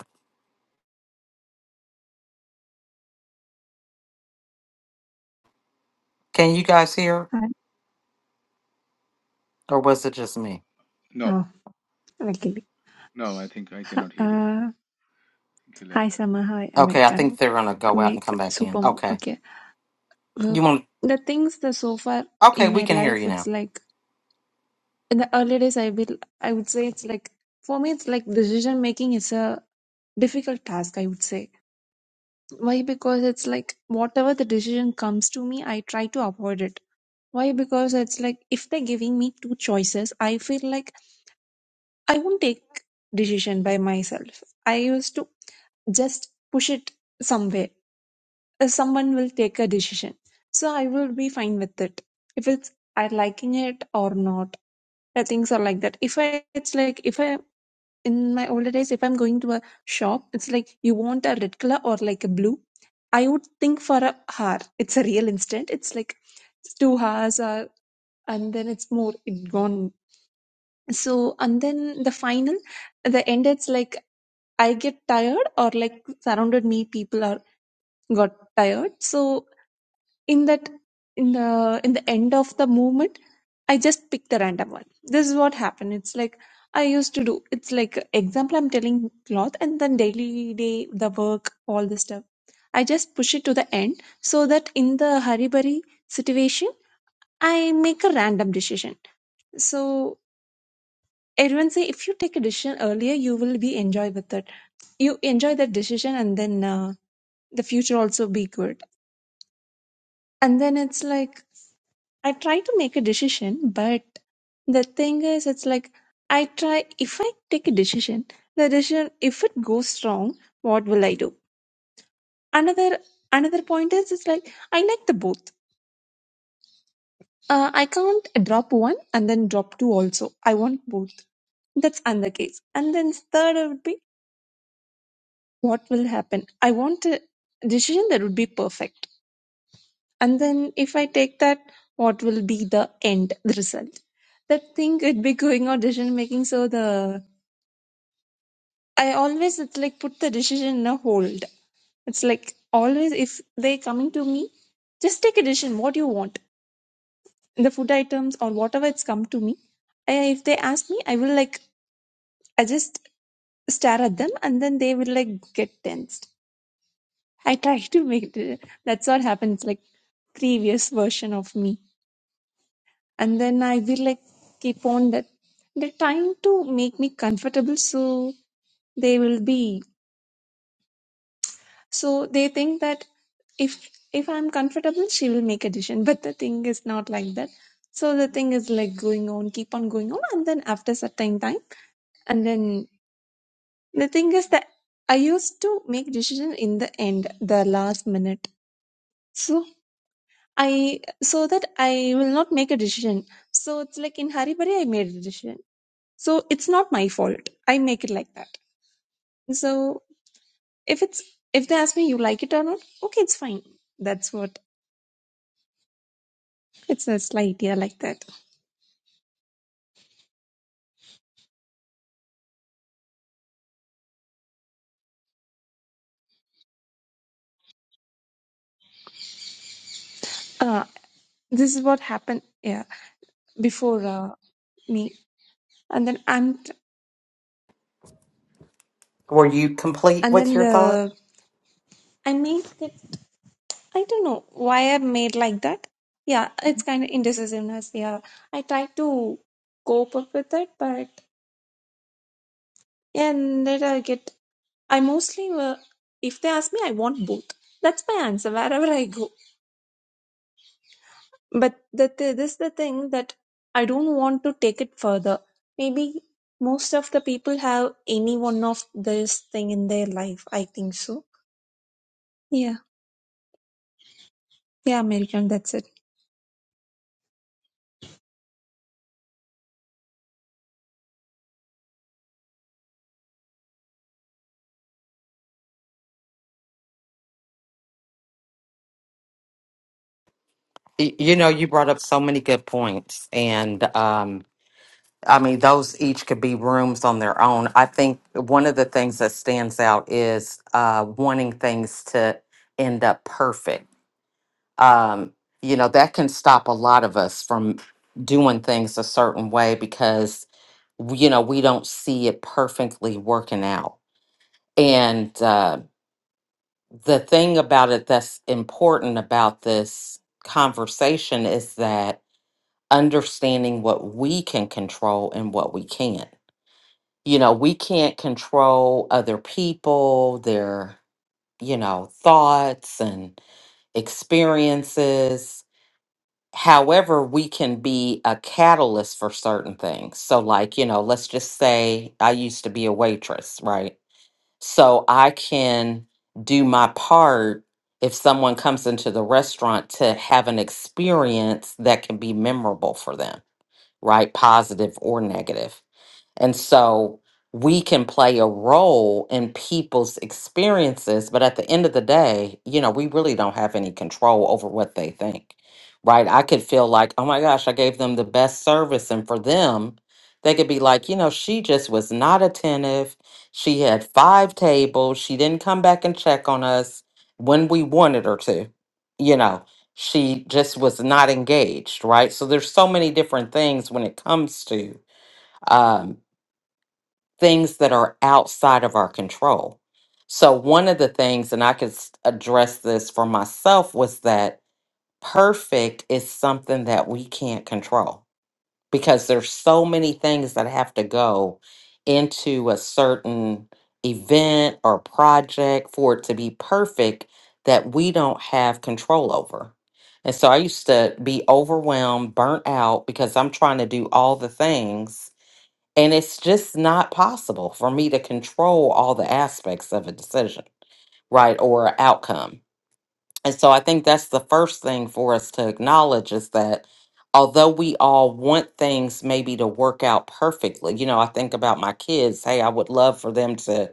[SPEAKER 1] Can you guys hear,
[SPEAKER 7] Hi.
[SPEAKER 1] or was it just me?
[SPEAKER 8] No,
[SPEAKER 7] Oh, luckily.
[SPEAKER 8] no, I think I
[SPEAKER 7] Hi,
[SPEAKER 8] cannot hear you there. I
[SPEAKER 7] Uh,
[SPEAKER 8] think he left.
[SPEAKER 7] hi, Summer. Hi,
[SPEAKER 1] Okay, I think
[SPEAKER 7] Americano.
[SPEAKER 1] they're gonna go out and come
[SPEAKER 7] America.
[SPEAKER 1] back in.
[SPEAKER 7] Super.
[SPEAKER 1] Okay,
[SPEAKER 7] Okay. Well,
[SPEAKER 1] you want?
[SPEAKER 7] The things that so far
[SPEAKER 1] Okay,
[SPEAKER 7] in
[SPEAKER 1] we
[SPEAKER 7] my
[SPEAKER 1] can hear
[SPEAKER 7] life,
[SPEAKER 1] you
[SPEAKER 7] it's
[SPEAKER 1] now.
[SPEAKER 7] like in the early days, I will, I would say it's like for me, it's like decision making is a difficult task. I would say why because it's like whatever the decision comes to me, I try to avoid it. Why because it's like if they're giving me two choices, I feel like I won't take decision by myself. I used to just push it somewhere. Uh, Someone will take a decision. So I will be fine with it. If it's I liking it or not. Uh, Things are like that. If I it's like if I in my older days, if I'm going to a shop, it's like you want a red color or like a blue. I would think for a hour. It's a real instant. It's like it's two hours or and then it's more it gone. So and then the final the end it's like I get tired or like surrounded me people are. got tired. So in that in the in the end of the movement, I just picked a random one. This is what happened. It's like I used to do. It's like example I'm telling cloth and then daily day the work all this stuff. I just push it to the end so that in the hurry situation I make a random decision. So everyone say if you take a decision earlier you will be enjoy with it. You enjoy that decision and then uh, the future also be good. And then it's like I try to make a decision, but the thing is, it's like I try, if I take a decision, the decision, if it goes wrong, what will I do? Another, another point is, it's like I like the both. Uh, I can't drop one and then drop two also. I want both. That's another case. And then third would be, what will happen? I want a decision that would be perfect. And then if I take that, what will be the end, the result? That thing would be going on decision making. So the I always it's like put the decision in a hold. It's like always if they coming to me, just take a decision what you want. The food items or whatever it's come to me. I, if they ask me, I will like I just stare at them and then they will like get tensed. I try to make it. That's what happens. Like previous version of me, and then I will like keep on that. They're trying to make me comfortable, so they will be. So they think that. if if i'm comfortable she will make a decision but the thing is not like that so the thing is like going on keep on going on and then after certain time and then the thing is that i used to make decision in the end the last minute so i so that i will not make a decision so it's like in hari bari i made a decision so it's not my fault i make it like that so if it's if they ask me you like it or not okay it's fine that's what it's a slight idea like that Uh, this is what happened yeah before uh, me and then i'm t-
[SPEAKER 1] Were you complete
[SPEAKER 7] and
[SPEAKER 1] with
[SPEAKER 7] then
[SPEAKER 1] your thought?
[SPEAKER 7] the i made it i don't know why i made like that yeah it's kind of indecisiveness yeah i try to cope up with it but yeah, and later i get i mostly uh, if they ask me i want both that's my answer wherever i go but the th- this is the thing that I don't want to take it further. Maybe most of the people have any one of this thing in their life. I think so. Yeah, yeah, American. That's it.
[SPEAKER 1] Y- You know, you brought up so many good points, and um, I mean, those each could be rooms on their own. I think one of the things that stands out is uh, wanting things to end up perfect. Um, you know, that can stop a lot of us from doing things a certain way because, w- you know, we don't see it perfectly working out. And uh, the thing about it that's important about this conversation is that understanding what we can control and what we can't you know, we can't control other people, their, you know, thoughts and experiences. However, we can be a catalyst for certain things. So, like, you know, let's just say I used to be a waitress, right? So I can do my part if someone comes into the restaurant to have an experience that can be memorable for them right? Positive or negative. And so we can play a role in people's experiences, but at the end of the day, you know, we really don't have any control over what they think, right? I could feel like, oh my gosh, I gave them the best service. And for them, they could be like, you know, she just was not attentive. She had five tables. She didn't come back and check on us when we wanted her to, you know she just was not engaged right so there's so many different things when it comes to um, things that are outside of our control so one of the things and i could s- address this for myself was that perfect is something that we can't control because there's so many things that have to go into a certain event or project for it to be perfect that we don't have control over. And so I used to be overwhelmed, burnt out because I'm trying to do all the things and it's just not possible for me to control all the aspects of a decision, right? Or a outcome. And so I think that's the first thing for us to acknowledge is that although we all want things maybe to work out perfectly, you know, I think about my kids, hey, I would love for them to,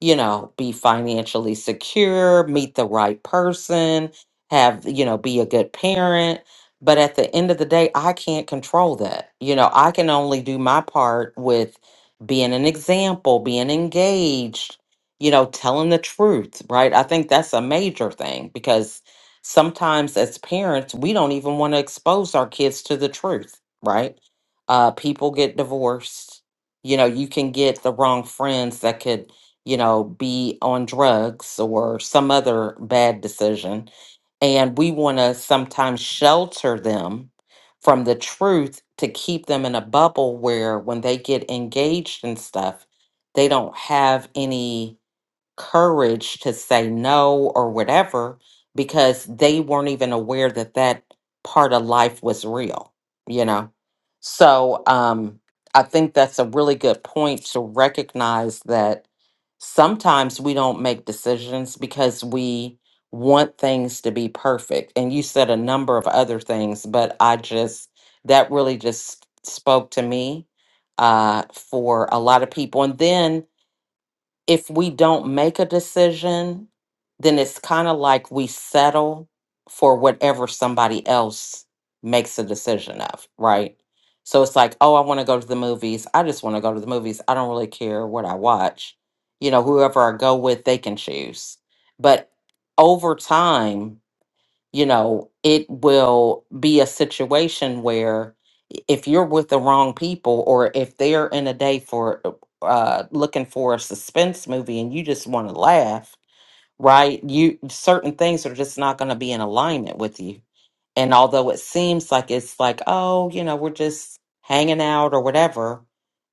[SPEAKER 1] you know, be financially secure, meet the right person, have, you know, be a good parent. But at the end of the day, I can't control that. You know, I can only do my part with being an example, being engaged, you know, telling the truth, right? I think that's a major thing because sometimes as parents, we don't even want to expose our kids to the truth, right? Uh, people get divorced. You know, you can get the wrong friends that could, you know, be on drugs or some other bad decision. And we want to sometimes shelter them from the truth to keep them in a bubble where when they get engaged and stuff, they don't have any courage to say no or whatever because they weren't even aware that that part of life was real you know so um i think that's a really good point to recognize that sometimes we don't make decisions because we want things to be perfect and you said a number of other things but i just that really just spoke to me uh for a lot of people and then if we don't make a decision, then it's kind of like we settle for whatever somebody else makes a decision of, right? So it's like, oh, I want to go to the movies. I just want to go to the movies. I don't really care what I watch. You know, whoever I go with, they can choose. But over time, you know, it will be a situation where if you're with the wrong people or if they're in a day for uh looking for a suspense movie and you just want to laugh, right? You certain things are just not going to be in alignment with you. And although it seems like it's like, oh, you know, we're just hanging out or whatever,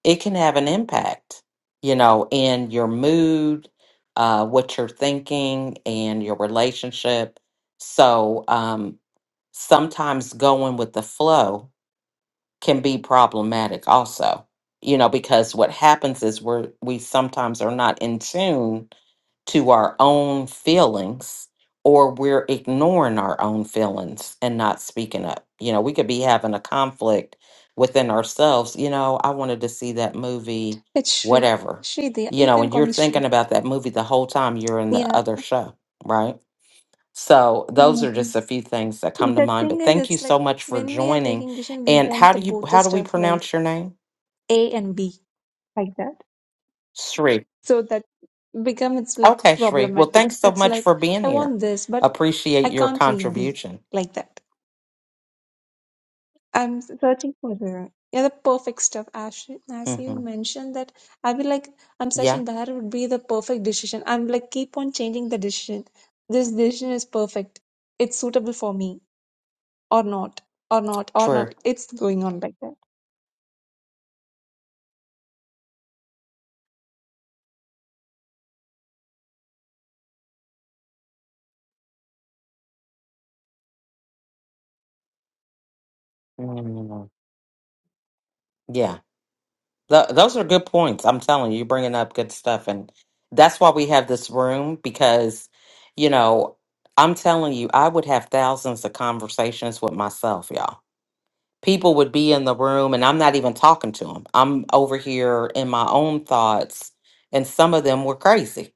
[SPEAKER 1] it can have an impact, you know, in your mood, uh, what you're thinking, and your relationship. So um, sometimes going with the flow can be problematic, also, you know, because what happens is we're, we sometimes are not in tune to our own feelings or we're ignoring our own feelings and not speaking up. You know, we could be having a conflict within ourselves. You know, I wanted to see that movie,
[SPEAKER 7] It's Shri.
[SPEAKER 1] whatever.
[SPEAKER 7] Shri, there.
[SPEAKER 1] You
[SPEAKER 7] You
[SPEAKER 1] know,
[SPEAKER 7] can
[SPEAKER 1] and
[SPEAKER 7] call
[SPEAKER 1] you're
[SPEAKER 7] me Shri.
[SPEAKER 1] thinking about that movie the whole time you're in the
[SPEAKER 7] Yeah.
[SPEAKER 1] other show, right? So those
[SPEAKER 7] yeah.
[SPEAKER 1] are just a few things that come to
[SPEAKER 7] The
[SPEAKER 1] mind.
[SPEAKER 7] thing
[SPEAKER 1] But
[SPEAKER 7] is,
[SPEAKER 1] thank you
[SPEAKER 7] it's
[SPEAKER 1] so
[SPEAKER 7] like
[SPEAKER 1] much for
[SPEAKER 7] when we are
[SPEAKER 1] joining.
[SPEAKER 7] taking decision, we
[SPEAKER 1] And how
[SPEAKER 7] want the
[SPEAKER 1] do you
[SPEAKER 7] both the
[SPEAKER 1] how do we
[SPEAKER 7] stuff right,
[SPEAKER 1] pronounce your name?
[SPEAKER 7] A and B, like that.
[SPEAKER 1] Shri.
[SPEAKER 7] So that become it's like
[SPEAKER 1] Okay, Shri. Well,
[SPEAKER 7] problematic.
[SPEAKER 1] thanks so
[SPEAKER 7] It's
[SPEAKER 1] much
[SPEAKER 7] like
[SPEAKER 1] for being
[SPEAKER 7] I
[SPEAKER 1] here.
[SPEAKER 7] want this, but
[SPEAKER 1] Appreciate
[SPEAKER 7] I
[SPEAKER 1] your
[SPEAKER 7] can't leave B
[SPEAKER 1] contribution.
[SPEAKER 7] like that I'm s- searching for the yeah the perfect stuff. As you- as you
[SPEAKER 1] hmm
[SPEAKER 7] mentioned that, I will like I'm
[SPEAKER 1] Yeah,
[SPEAKER 7] searching that would be the perfect decision. I'm like keep on changing the decision. This decision is perfect. It's suitable for me or not or not or
[SPEAKER 1] true.
[SPEAKER 7] not. It's going on like that.
[SPEAKER 1] Mm, Yeah, Th- those are good points. I'm telling you, you're bringing up good stuff, and that's why we have this room because, you know, I'm telling you, I would have thousands of conversations with myself, y'all. People would be in the room, and I'm not even talking to them. I'm over here in my own thoughts, and some of them were crazy.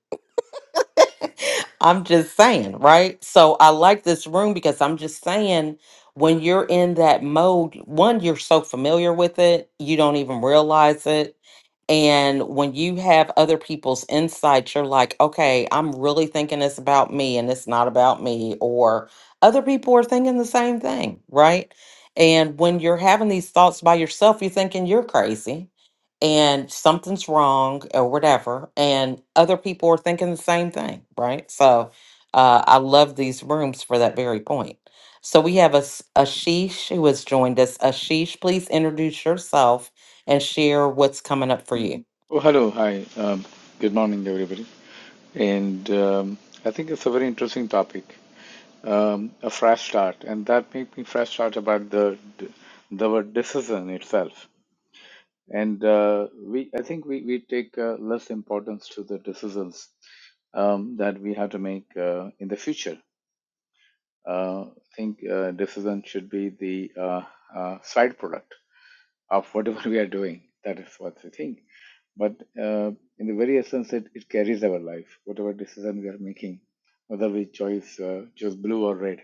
[SPEAKER 1] I'm just saying, right? So I like this room because I'm just saying when you're in that mode, one, you're so familiar with it, you don't even realize it and when you have other people's insights, you're like, okay, I'm really thinking it's about me and it's not about me. Or other people are thinking the same thing, right? And when you're having these thoughts by yourself, you're thinking you're crazy and something's wrong or whatever. And other people are thinking the same thing, right? So uh, I love these rooms for that very point. So we have a Ashish who has joined us. Ashish, please introduce yourself and share what's coming up for you.
[SPEAKER 8] Oh, hello. Hi. Um, good morning, everybody. And um, I think it's a very interesting topic, um, a fresh start. And that made me fresh start about the the word decision itself. And uh, we, I think we, we take uh, less importance to the decisions um, that we have to make uh, in the future. Uh, I think uh, decision should be the uh, uh, side product. of whatever we are doing. That is what we think. But uh, in the very essence, it, it carries our life, whatever decision we are making, whether we choose uh, choose blue or red.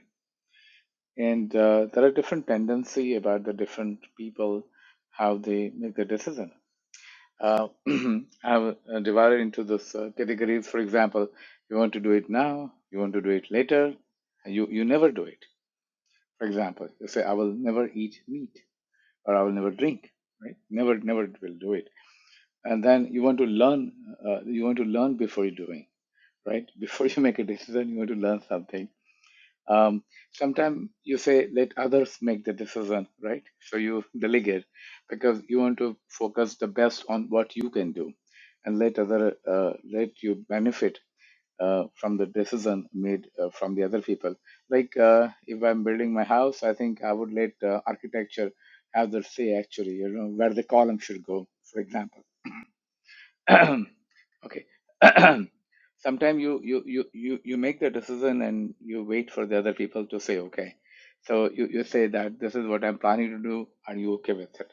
[SPEAKER 8] And uh, there are different tendency about the different people how they make the decision. Uh, I've uh, divided into this uh, categories. For example, you want to do it now, you want to do it later, you you never do it. For example, you say I will never eat meat or I will never drink, right? Never never will do it and then you want to learn uh, you want to learn before you're doing right before you make a decision you want to learn something um, sometimes you say let others make the decision right so you delegate because you want to focus the best on what you can do and let other uh, let you benefit uh, from the decision made uh, from the other people like uh, if i'm building my house i think i would let uh, architecture have their say actually you know where the column should go for example okay sometimes you, you you you you make the decision and you wait for the other people to say okay so you, you say that this is what i'm planning to do are you okay with it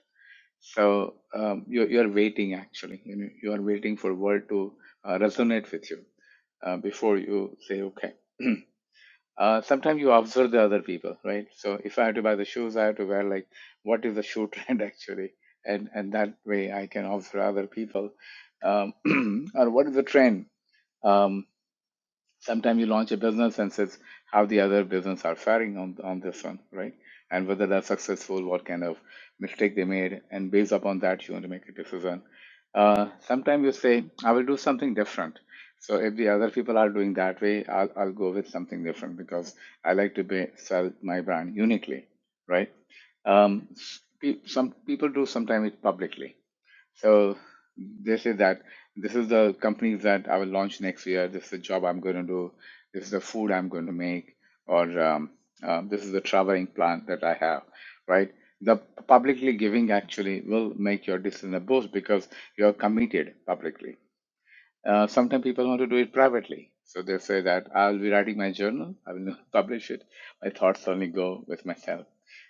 [SPEAKER 8] so um, you, you're waiting actually you know you are waiting for word to uh, resonate with you uh, before you say okay uh, sometimes you observe the other people, right? So if I have to buy the shoes, I have to wear like what is the shoe trend actually, and and that way I can observe other people, um, or what is the trend. Um, sometimes you launch a business and says how the other business are faring on on this one right and whether they're successful what kind of mistake they made and based upon that you want to make a decision uh, sometimes you say i will do something different so if the other people are doing that way i'll, I'll go with something different because i like to be, sell my brand uniquely right um, pe- some people do sometimes it publicly so this is that. This is the companies that I will launch next year. This is the job I'm going to do. This is the food I'm going to make, or um, uh, this is the traveling plan that I have. Right. The publicly giving actually will make your decision a boost because you're committed publicly uh, sometimes people want to do it privately. So they say that I'll be writing my journal, I will not publish it. My thoughts only go with myself.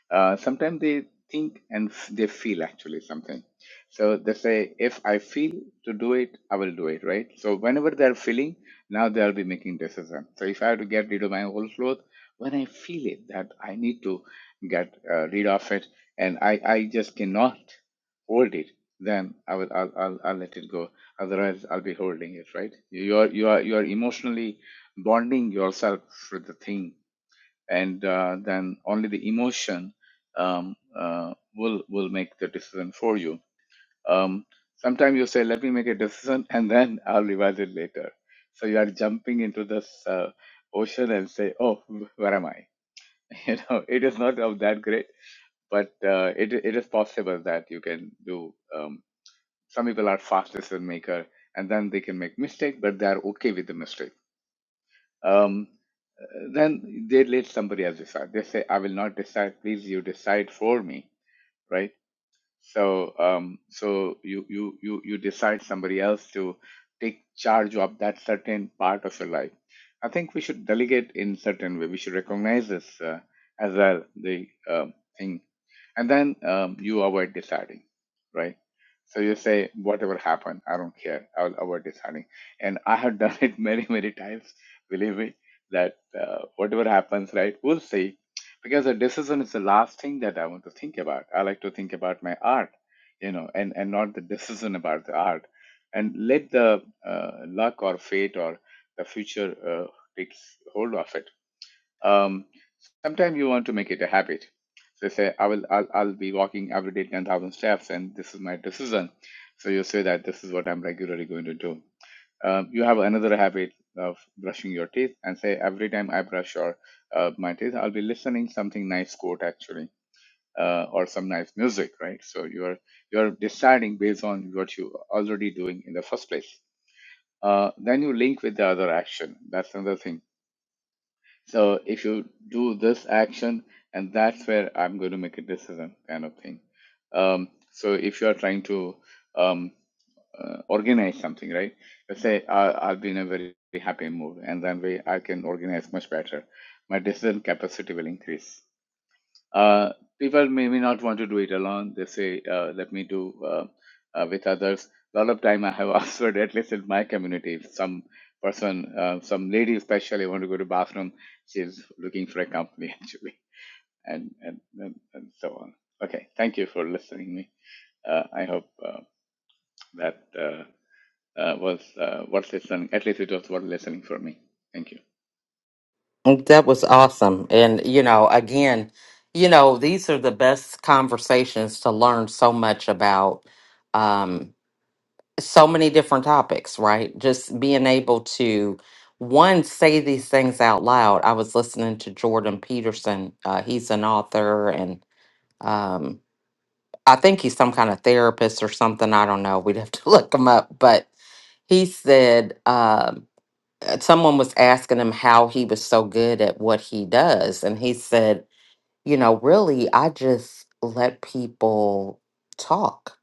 [SPEAKER 8] Uh, sometimes they think and f- they feel actually something. So they say, if I feel to do it, I will do it, right? So whenever they're feeling, now they'll be making decision. So if I have to get rid of my old clothes, when I feel it that I need to get uh, rid of it and I, I just cannot hold it, then I will I'll, I'll, I'll let it go Otherwise, I'll be holding it, right? You are you are you are emotionally bonding yourself with the thing, and uh, then only the emotion um, uh, will will make the decision for you. Um, sometimes you say, "Let me make a decision, and then I'll revise it later." So you are jumping into this uh, ocean and say, "Oh, wh- where am I?" You know, it is not of that great, but uh, it it is possible that you can do. Um, some people are fast decision maker and then they can make mistake but they are okay with the mistake um, then they let somebody else decide they say i will not decide please you decide for me right so um, so you you you you decide somebody else to take charge of that certain part of your life. I think we should delegate in certain way. We should recognize this uh, as well the um thing, and then um, you avoid deciding, right? So you say whatever happened, I don't care. I'll avoid deciding, and I have done it many many times. Believe me that uh, whatever happens, right? We'll see because the decision is the last thing that I want to think about. I like to think about my art, you know, and and not the decision about the art, and let the uh, luck or fate or the future uh, takes hold of it. Um, sometimes you want to make it a habit. So say I will I'll, I'll be walking every day ten thousand steps, and this is my decision. So you say that this is what I'm regularly going to do um, you have another habit of brushing your teeth and say every time I brush your uh, my teeth, I'll be listening something nice quote actually uh, or some nice music, right? So you're you're deciding based on what you already doing in the first place. Uh, then you link with the other action. That's another thing. So if you do this action, and that's where I'm going to make a decision kind of thing. Um, so if you are trying to um, uh, organize something, right? Let's say I, I've been in a very happy mood, and then we, I can organize much better. My decision capacity will increase. Uh, people may, may not want to do it alone. They say, uh, let me do uh, uh, with others. A lot of time I have observed, at least in my community, if some person, uh, some lady especially want to go to bathroom, she's looking for a company actually, and, and, and, and so on. Okay, thank you for listening me. Uh, I hope uh, that. Uh, uh, was uh, worth listening. At least it was worth listening for me. Thank you.
[SPEAKER 1] That was awesome. And, you know, again, you know, these are the best conversations to learn so much about um, so many different topics, right? Just being able to, one, say these things out loud. I was listening to Jordan Peterson. Uh, he's an author and um, I think he's some kind of therapist or something. I don't know. We'd have to look him up. But he said, um, someone was asking him how he was so good at what he does. And he said, You know, really, I just let people talk.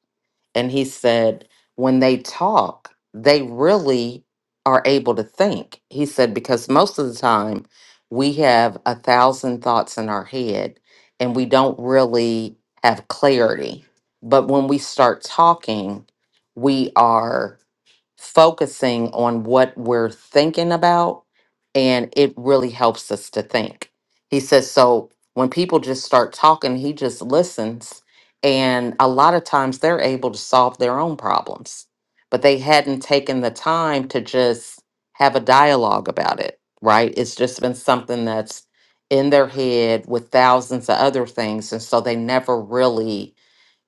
[SPEAKER 1] And he said, When they talk, they really are able to think. He said, Because most of the time, we have a thousand thoughts in our head and we don't really have clarity. But when we start talking, we are focusing on what we're thinking about and it really helps us to think. He says so when people just start talking, he just listens and a lot of times they're able to solve their own problems, but they hadn't taken the time to just have a dialogue about it, right? It's just been something that's in their head with thousands of other things and so they never really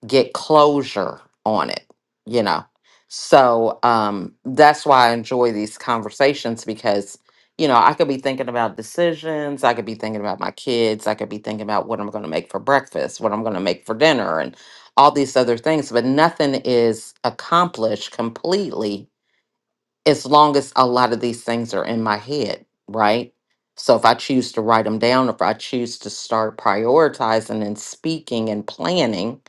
[SPEAKER 1] get closure on it, you know. So um that's why I enjoy these conversations because you know, I could be thinking about decisions, I could be thinking about my kids, I could be thinking about what I'm going to make for breakfast, what I'm going to make for dinner and all these other things, but nothing is accomplished completely as long as a lot of these things are in my head, right? So if I choose to write them down, if I choose to start prioritizing and speaking and planning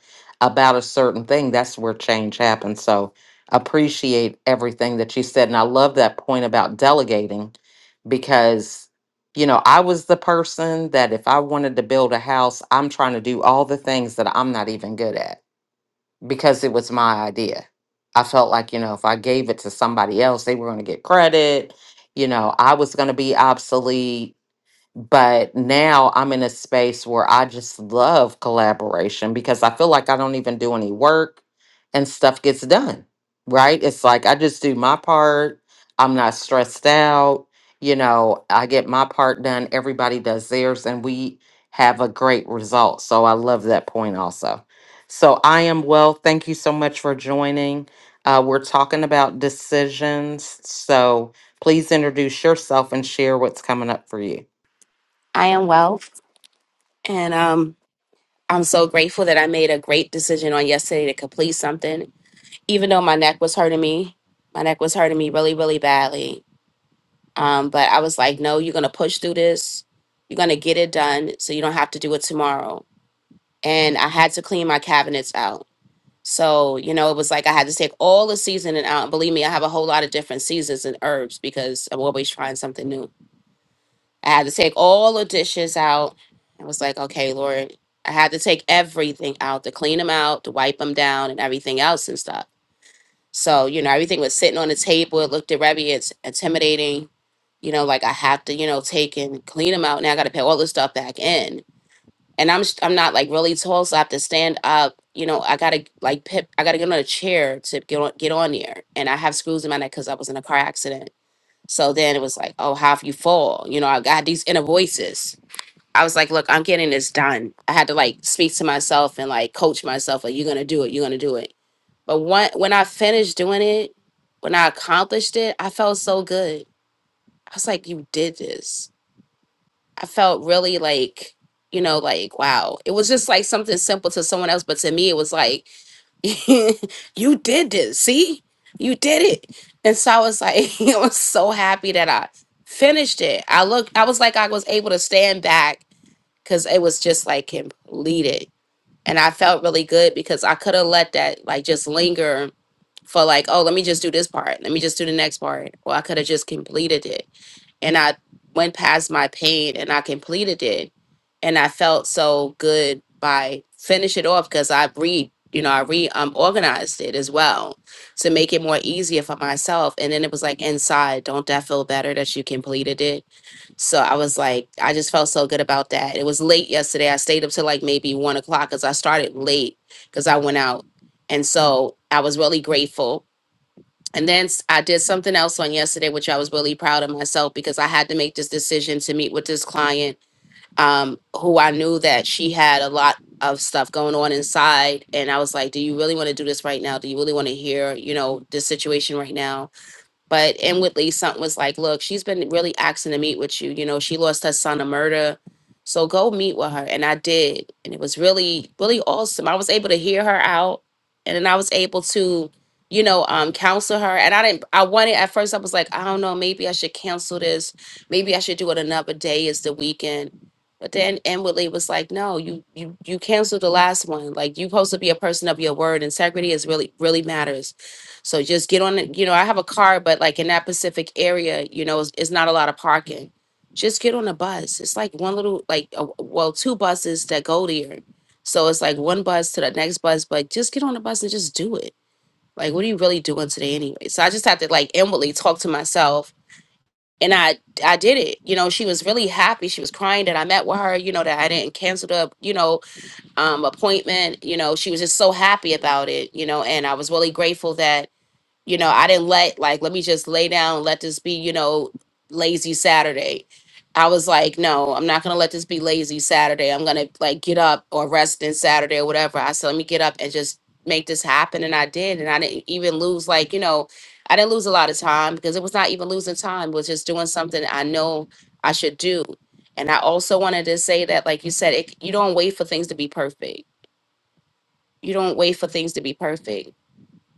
[SPEAKER 1] about a certain thing, that's where change happens. So appreciate everything that you said. And I love that point about delegating because, you know, I was the person that if I wanted to build a house, I'm trying to do all the things that I'm not even good at because it was my idea. I felt like, you know, if I gave it to somebody else, they were going to get credit. You know, I was going to be obsolete but now I'm in a space where I just love collaboration because I feel like I don't even do any work and stuff gets done, right? It's like I just do my part. I'm not stressed out. You know, I get my part done. Everybody does theirs and we have a great result. So I love that point also. So I am well. Thank you so much for joining. Uh, we're talking about decisions. So please introduce yourself and share what's coming up for you.
[SPEAKER 9] I am well, and um, I'm so grateful that I made a great decision on yesterday to complete something, even though my neck was hurting me. My neck was hurting me really, really badly. Um, but I was like, no, you're gonna push through this. You're gonna get it done, so you don't have to do it tomorrow. And I had to clean my cabinets out. So you know, it was like I had to take all the seasoning out. And believe me, I have a whole lot of different seasons and herbs because I'm always trying something new. I had to take all the dishes out. I was like, okay, Lord, I had to take everything out to clean them out, to wipe them down, and everything else and stuff. So, you know, everything was sitting on the table. It looked at Rebbe, it's intimidating. You know, like I have to, you know, take and clean them out. Now I got to put all this stuff back in. And I'm s- I'm not like really tall, so I have to stand up. You know, I gotta like pip, I gotta get on a chair to get on get on there. And I have screws in my neck because I was in a car accident. So then it was like, oh, how if you fall? You know, I got these inner voices I was like, look, I'm getting this done. I had to like speak to myself and like coach myself, like, you're gonna do it, you're gonna do it. But one, when I finished doing it, when I accomplished it, I felt so good. I was like, you did this. I felt really like, you know, like, wow. It was just like something simple to someone else, but to me, it was like, you did this. See, you did it. And so I was like, I was so happy that I finished it. I looked. I was like, I was able to stand back because it was just like completed. And I felt really good because I could have let that like just linger for like, oh, let me just do this part. Let me just do the next part. Well, I could have just completed it. And I went past my pain and I completed it. And I felt so good by finish it off because I re you know, I re um organized it as well to make it more easier for myself. And then it was like inside, don't that feel better that you completed it? So I was like, I just felt so good about that. It was late yesterday. I stayed up till like maybe one o'clock because I started late because I went out. And so I was really grateful. And then s- I did something else on yesterday, which I was really proud of myself because I had to make this decision to meet with this client um, who I knew that she had a lot of stuff going on inside. And I was like, do you really want to do this right now? Do you really want to hear, you know, this situation right now? But inwardly, something was like, look, she's been really asking to meet with you. You know, she lost her son to murder. So go meet with her. And I did. And it was really, really awesome. I was able to hear her out. And then I was able to, you know, um, counsel her. And I didn't, I wanted, at first, I was like, I don't know, maybe I should cancel this. Maybe I should do it another day. It's the weekend. But then inwardly was like, no, you you you canceled the last one. Like you supposed to be a person of your word. Integrity is really really matters so just get on it. You know, I have a car, but like in that Pacific area, you know, it's, it's not a lot of parking. Just get on a bus. It's like one little, like, uh, well, two buses that go there. So it's like one bus to the next bus, but just get on a bus and just do it. Like, what are you really doing today anyway? So I just had to like inwardly talk to myself. And I, I did it. You know, she was really happy. She was crying that I met with her. You know, that I didn't cancel the, you know, um, appointment. You know, she was just so happy about it. You know, and I was really grateful that you know, I didn't let like let me just lay down, and let this be, you know, lazy Saturday. I was like, no, I'm not gonna let this be lazy Saturday. I'm gonna like get up or rest in Saturday or whatever. I said, let me get up and just make this happen. And I did. And I didn't even lose like, you know, I didn't lose a lot of time because it was not even losing time, it was just doing something I know I should do. And I also wanted to say that, like you said, it, you don't wait for things to be perfect. You don't wait for things to be perfect.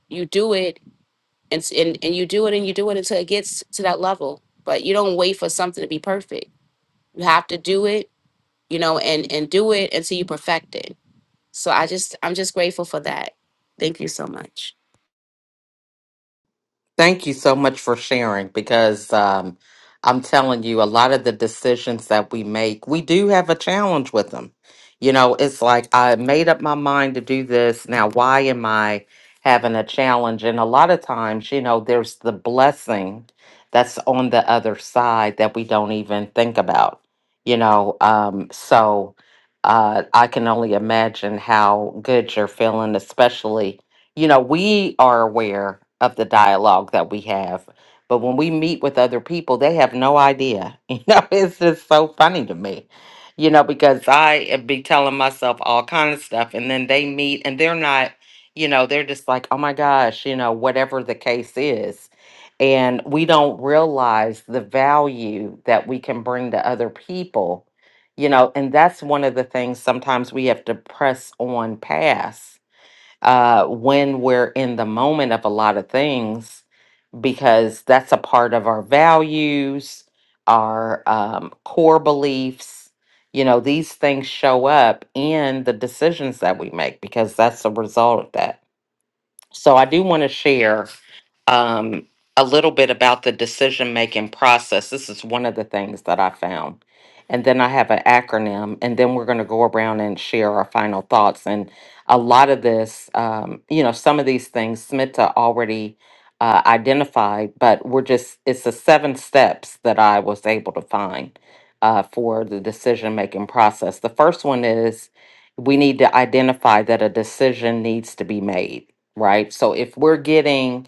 [SPEAKER 9] You do it and s- and and you do it and you do it until it gets to that level but you don't wait for something to be perfect you have to do it you know and and do it until you perfect it so i just i'm just grateful for that thank you so much
[SPEAKER 1] Thank you so much for sharing because um, I'm telling you, a lot of the decisions that we make, we do have a challenge with them. You know, it's like I made up my mind to do this. Now, why am I having a challenge? And a lot of times, you know, there's the blessing that's on the other side that we don't even think about, you know. Um, so uh, I can only imagine how good you're feeling, especially you know, we are aware of the dialogue that we have, but when we meet with other people, they have no idea. You know, it's just so funny to me. You know, because I be telling myself all kind of stuff, and then they meet, and they're not. You know, they're just like, oh my gosh, you know, whatever the case is, and we don't realize the value that we can bring to other people. You know, and that's one of the things sometimes we have to press on past uh, when we're in the moment of a lot of things because that's a part of our values, our um, core beliefs. You know, these things show up in the decisions that we make because that's the result of that. So I do want to share um, a little bit about the decision making process. This is one of the things that I found. And then I have an acronym, and then we're going to go around and share our final thoughts. And a lot of this, um, you know, some of these things Smita already uh, identified, but we're just, it's the seven steps that I was able to find uh, for the decision making process. The first one is we need to identify that a decision needs to be made, right? So if we're getting,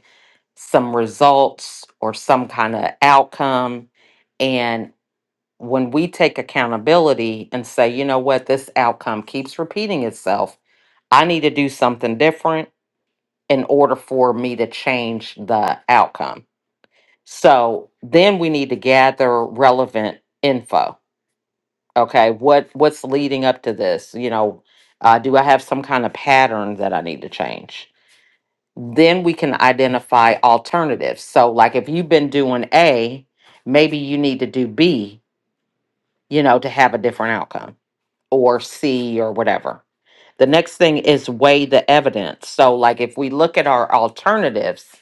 [SPEAKER 1] some results or some kind of outcome. And when we take accountability and say, you know what, this outcome keeps repeating itself, I need to do something different in order for me to change the outcome. So then we need to gather relevant info. Okay, what what's leading up to this? You know, uh, do I have some kind of pattern that I need to change? then we can identify alternatives. So, like if you've been doing A, maybe you need to do B, you know, to have a different outcome or C or whatever. The next thing is weigh the evidence. So, like if we look at our alternatives,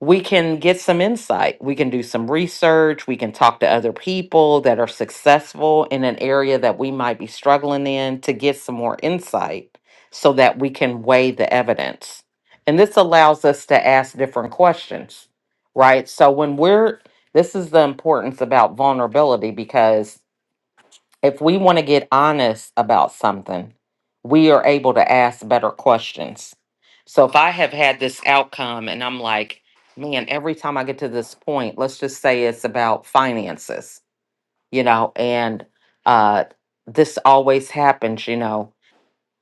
[SPEAKER 1] we can get some insight. We can do some research. We can talk to other people that are successful in an area that we might be struggling in to get some more insight so that we can weigh the evidence. And this allows us to ask different questions, right? So when we're, this is the importance about vulnerability because if we want to get honest about something, we are able to ask better questions. So if I have had this outcome and I'm like, man, every time I get to this point, let's just say it's about finances, you know, and uh, this always happens, you know.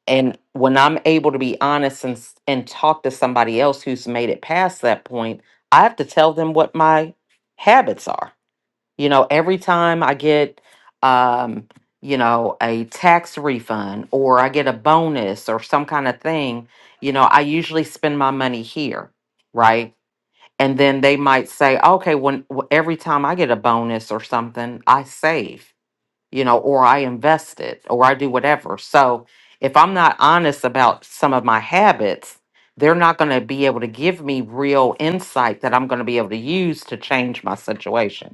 [SPEAKER 1] And when I'm able to be honest and, s- and talk to somebody else who's made it past that point, I have to tell them what my habits are you know, every time I get, um, you know, a tax refund or I get a bonus or some kind of thing, you know, I usually spend my money here, right? And then they might say, okay, when w- every time I get a bonus or something, I save, you know, or I invest it or I do whatever. So if I'm not honest about some of my habits, they're not going to be able to give me real insight that I'm going to be able to use to change my situation.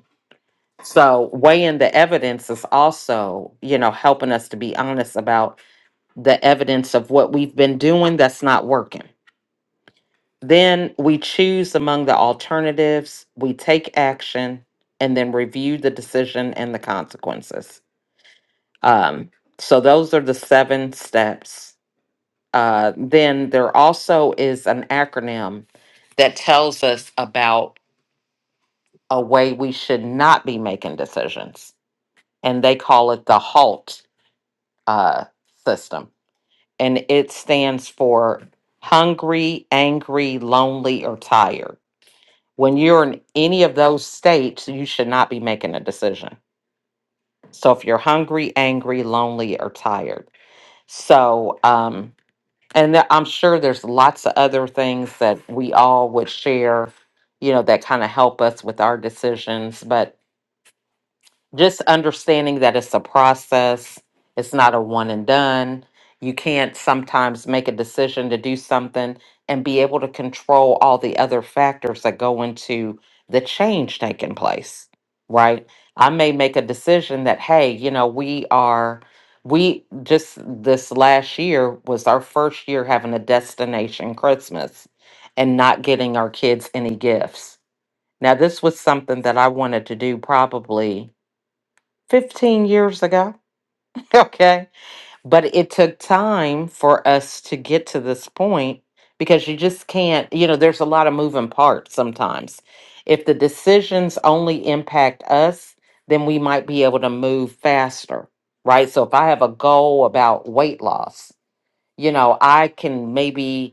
[SPEAKER 1] So weighing the evidence is also, you know, helping us to be honest about the evidence of what we've been doing that's not working. Then we choose among the alternatives, we take action, and then review the decision and the consequences. Um, so those are the seven steps. Uh, then there also is an acronym that tells us about a way we should not be making decisions, and they call it the HALT uh, system, and it stands for hungry, angry, lonely, or tired. When you're in any of those states, you should not be making a decision. So if you're hungry, angry, lonely, or tired, so um, and there- I'm sure there's lots of other things that we all would share, you know, that kind of help us with our decisions, but just understanding that it's a process, it's not a one and done. You can't sometimes make a decision to do something and be able to control all the other factors that go into the change taking place, right? I may make a decision that, hey, you know, we are, we just this last year was our first year having a destination Christmas and not getting our kids any gifts. Now, this was something that I wanted to do probably 15 years ago. Okay. But it took time for us to get to this point because you just can't, you know, there's a lot of moving parts sometimes. If the decisions only impact us, then we might be able to move faster, right? So if I have a goal about weight loss, you know, I can maybe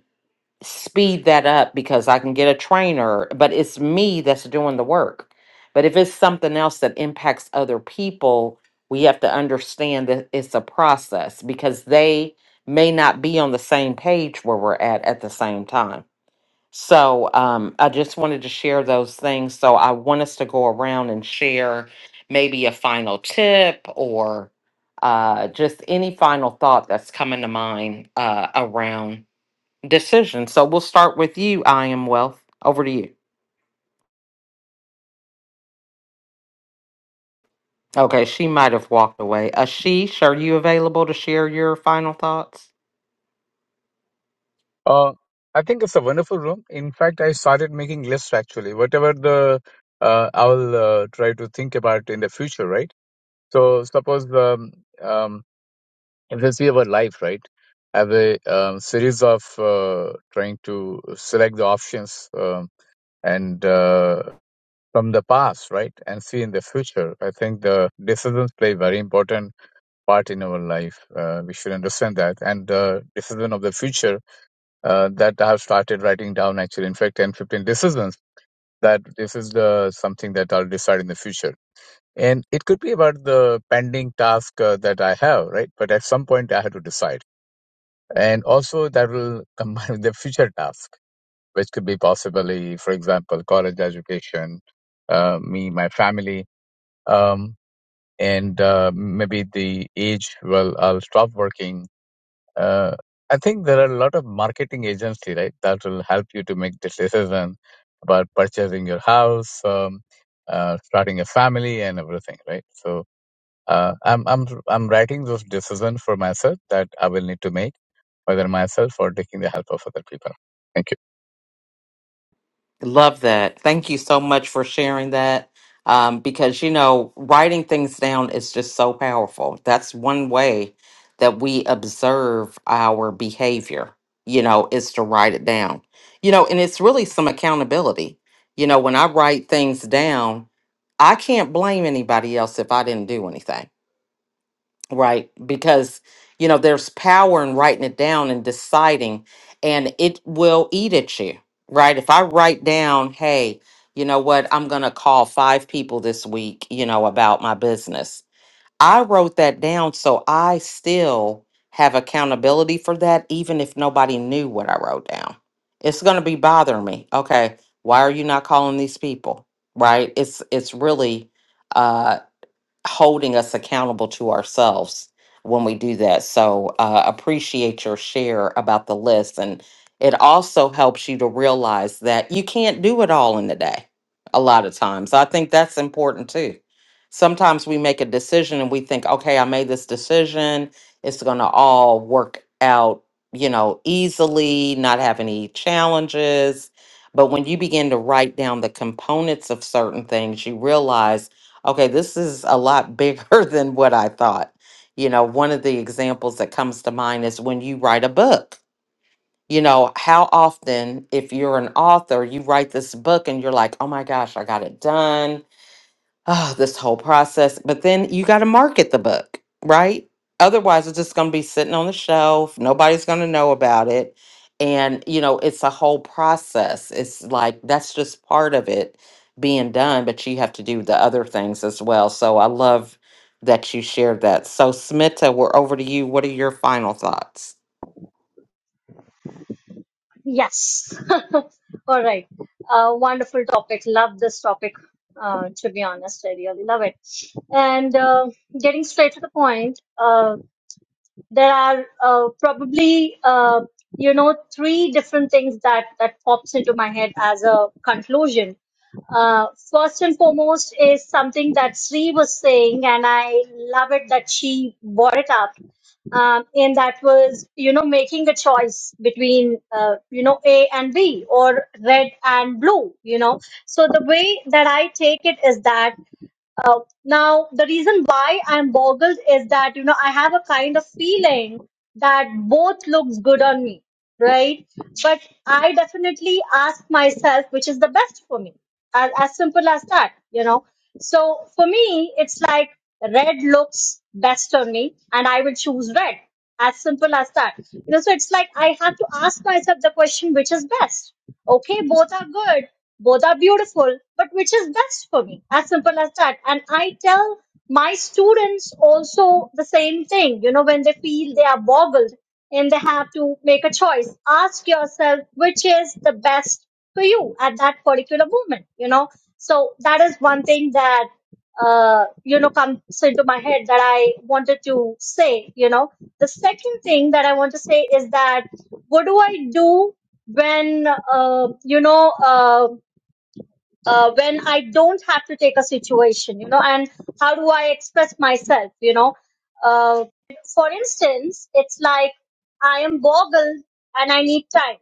[SPEAKER 1] speed that up because I can get a trainer, but it's me that's doing the work. But if it's something else that impacts other people, we have to understand that it's a process because they may not be on the same page where we're at at the same time. So um, I just wanted to share those things. So I want us to go around and share maybe a final tip or uh, just any final thought that's coming to mind uh, around decision. So we'll start with you, I am wealth. Over to you. Okay, she might have walked away. Ashish, are you available to share your final thoughts?
[SPEAKER 8] Uh, I think it's a wonderful room. In fact, I started making lists actually. Whatever the uh, I'll uh, try to think about in the future, right? So suppose um, um, if you see our life, right? I have a um, series of uh, trying to select the options um, and uh, from the past, right, and see in the future. I think the decisions play very important part in our life. Uh, we should understand that. And uh, Decision of the Future uh, that I have started writing down actually, in fact, 10, 15 decisions that this is the something that I'll decide in the future. And it could be about the pending task uh, that I have, right? But at some point I have to decide. And also that will combine with the future task, which could be possibly, for example, college education, uh, me, my family, um, and uh, maybe the age well i'll stop working Uh, I think there are a lot of marketing agency, right, that will help you to make this decision about purchasing your house, um, uh, starting a family, and everything, right? So uh, I'm I'm I'm writing those decisions for myself that I will need to make, whether myself or taking the help of other people. Thank you.
[SPEAKER 1] Love that. Thank you so much for sharing that. Um, because, you know, writing things down is just so powerful. That's one way that we observe our behavior, you know, is to write it down. You know, and it's really some accountability. You know, when I write things down, I can't blame anybody else if I didn't do anything right because you know there's power in writing it down and deciding and it will eat at you right if i write down hey you know what i'm going to call five people this week you know about my business i wrote that down so i still have accountability for that even if nobody knew what i wrote down it's going to be bothering me okay why are you not calling these people right it's it's really uh, holding us accountable to ourselves when we do that. So uh, appreciate your share about the list. And it also helps you to realize that you can't do it all in a day a lot of times. I think that's important too. Sometimes we make a decision and we think, okay, I made this decision. It's going to all work out, you know, easily, not have any challenges. But when you begin to write down the components of certain things, you realize okay, this is a lot bigger than what I thought. You know, one of the examples that comes to mind is when you write a book. You know, how often, if you're an author, you write this book and you're like, oh my gosh, I got it done oh, this whole process. But then you got to market the book, right? Otherwise, it's just going to be sitting on the shelf. Nobody's going to know about it. And, you know, it's a whole process. It's like that's just part of it being done, but you have to do the other things as well. So I love that you shared that. So, Smita, we're over to you. What are your final thoughts?
[SPEAKER 6] Yes. All right. Uh, wonderful topic. Love this topic, uh, to be honest. I really love it. And uh, getting straight to the point, uh, there are uh, probably, uh, you know, three different things that, that pops into my head as a conclusion. Uh, first and foremost is something that Sri was saying, and I love it that she brought it up um, and that was you know making a choice between uh, you know a and b or red and blue you know so the way that i take it is that uh, now, the reason why I'm boggled is that, you know, I have a kind of feeling that both looks good on me, right? But I definitely ask myself which is the best for me. As, as simple as that, you know. So for me, it's like red looks best on me and I will choose red. As simple as that. You know, so it's like I have to ask myself the question which is best Okay, both are good, both are beautiful, but which is best for me? As simple as that. And I tell my students also the same thing, you know, when they feel they are boggled and they have to make a choice, ask yourself which is the best for you at that particular moment, you know. So that is one thing that uh, you know, comes into my head that I wanted to say, you know. The second thing that I want to say is that what do I do when, uh, you know, uh, uh, when I don't have to take a situation, you know, and how do I express myself, you know? Uh, for instance, it's like I am boggled and I need time,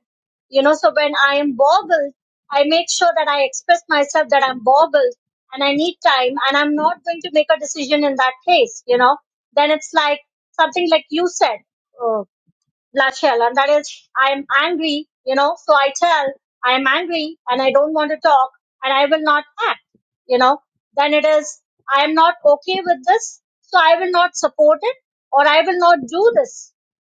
[SPEAKER 6] you know, so when I am boggled, I make sure that I express myself that I'm boggled and I need time and I'm not going to make a decision in that case, you know, then it's like something like you said. uh, bloodshed and that is i'm angry you know so i tell i'm angry and i don't want to talk and i will not act you know then it is i am not okay with this so i will not support it or i will not do this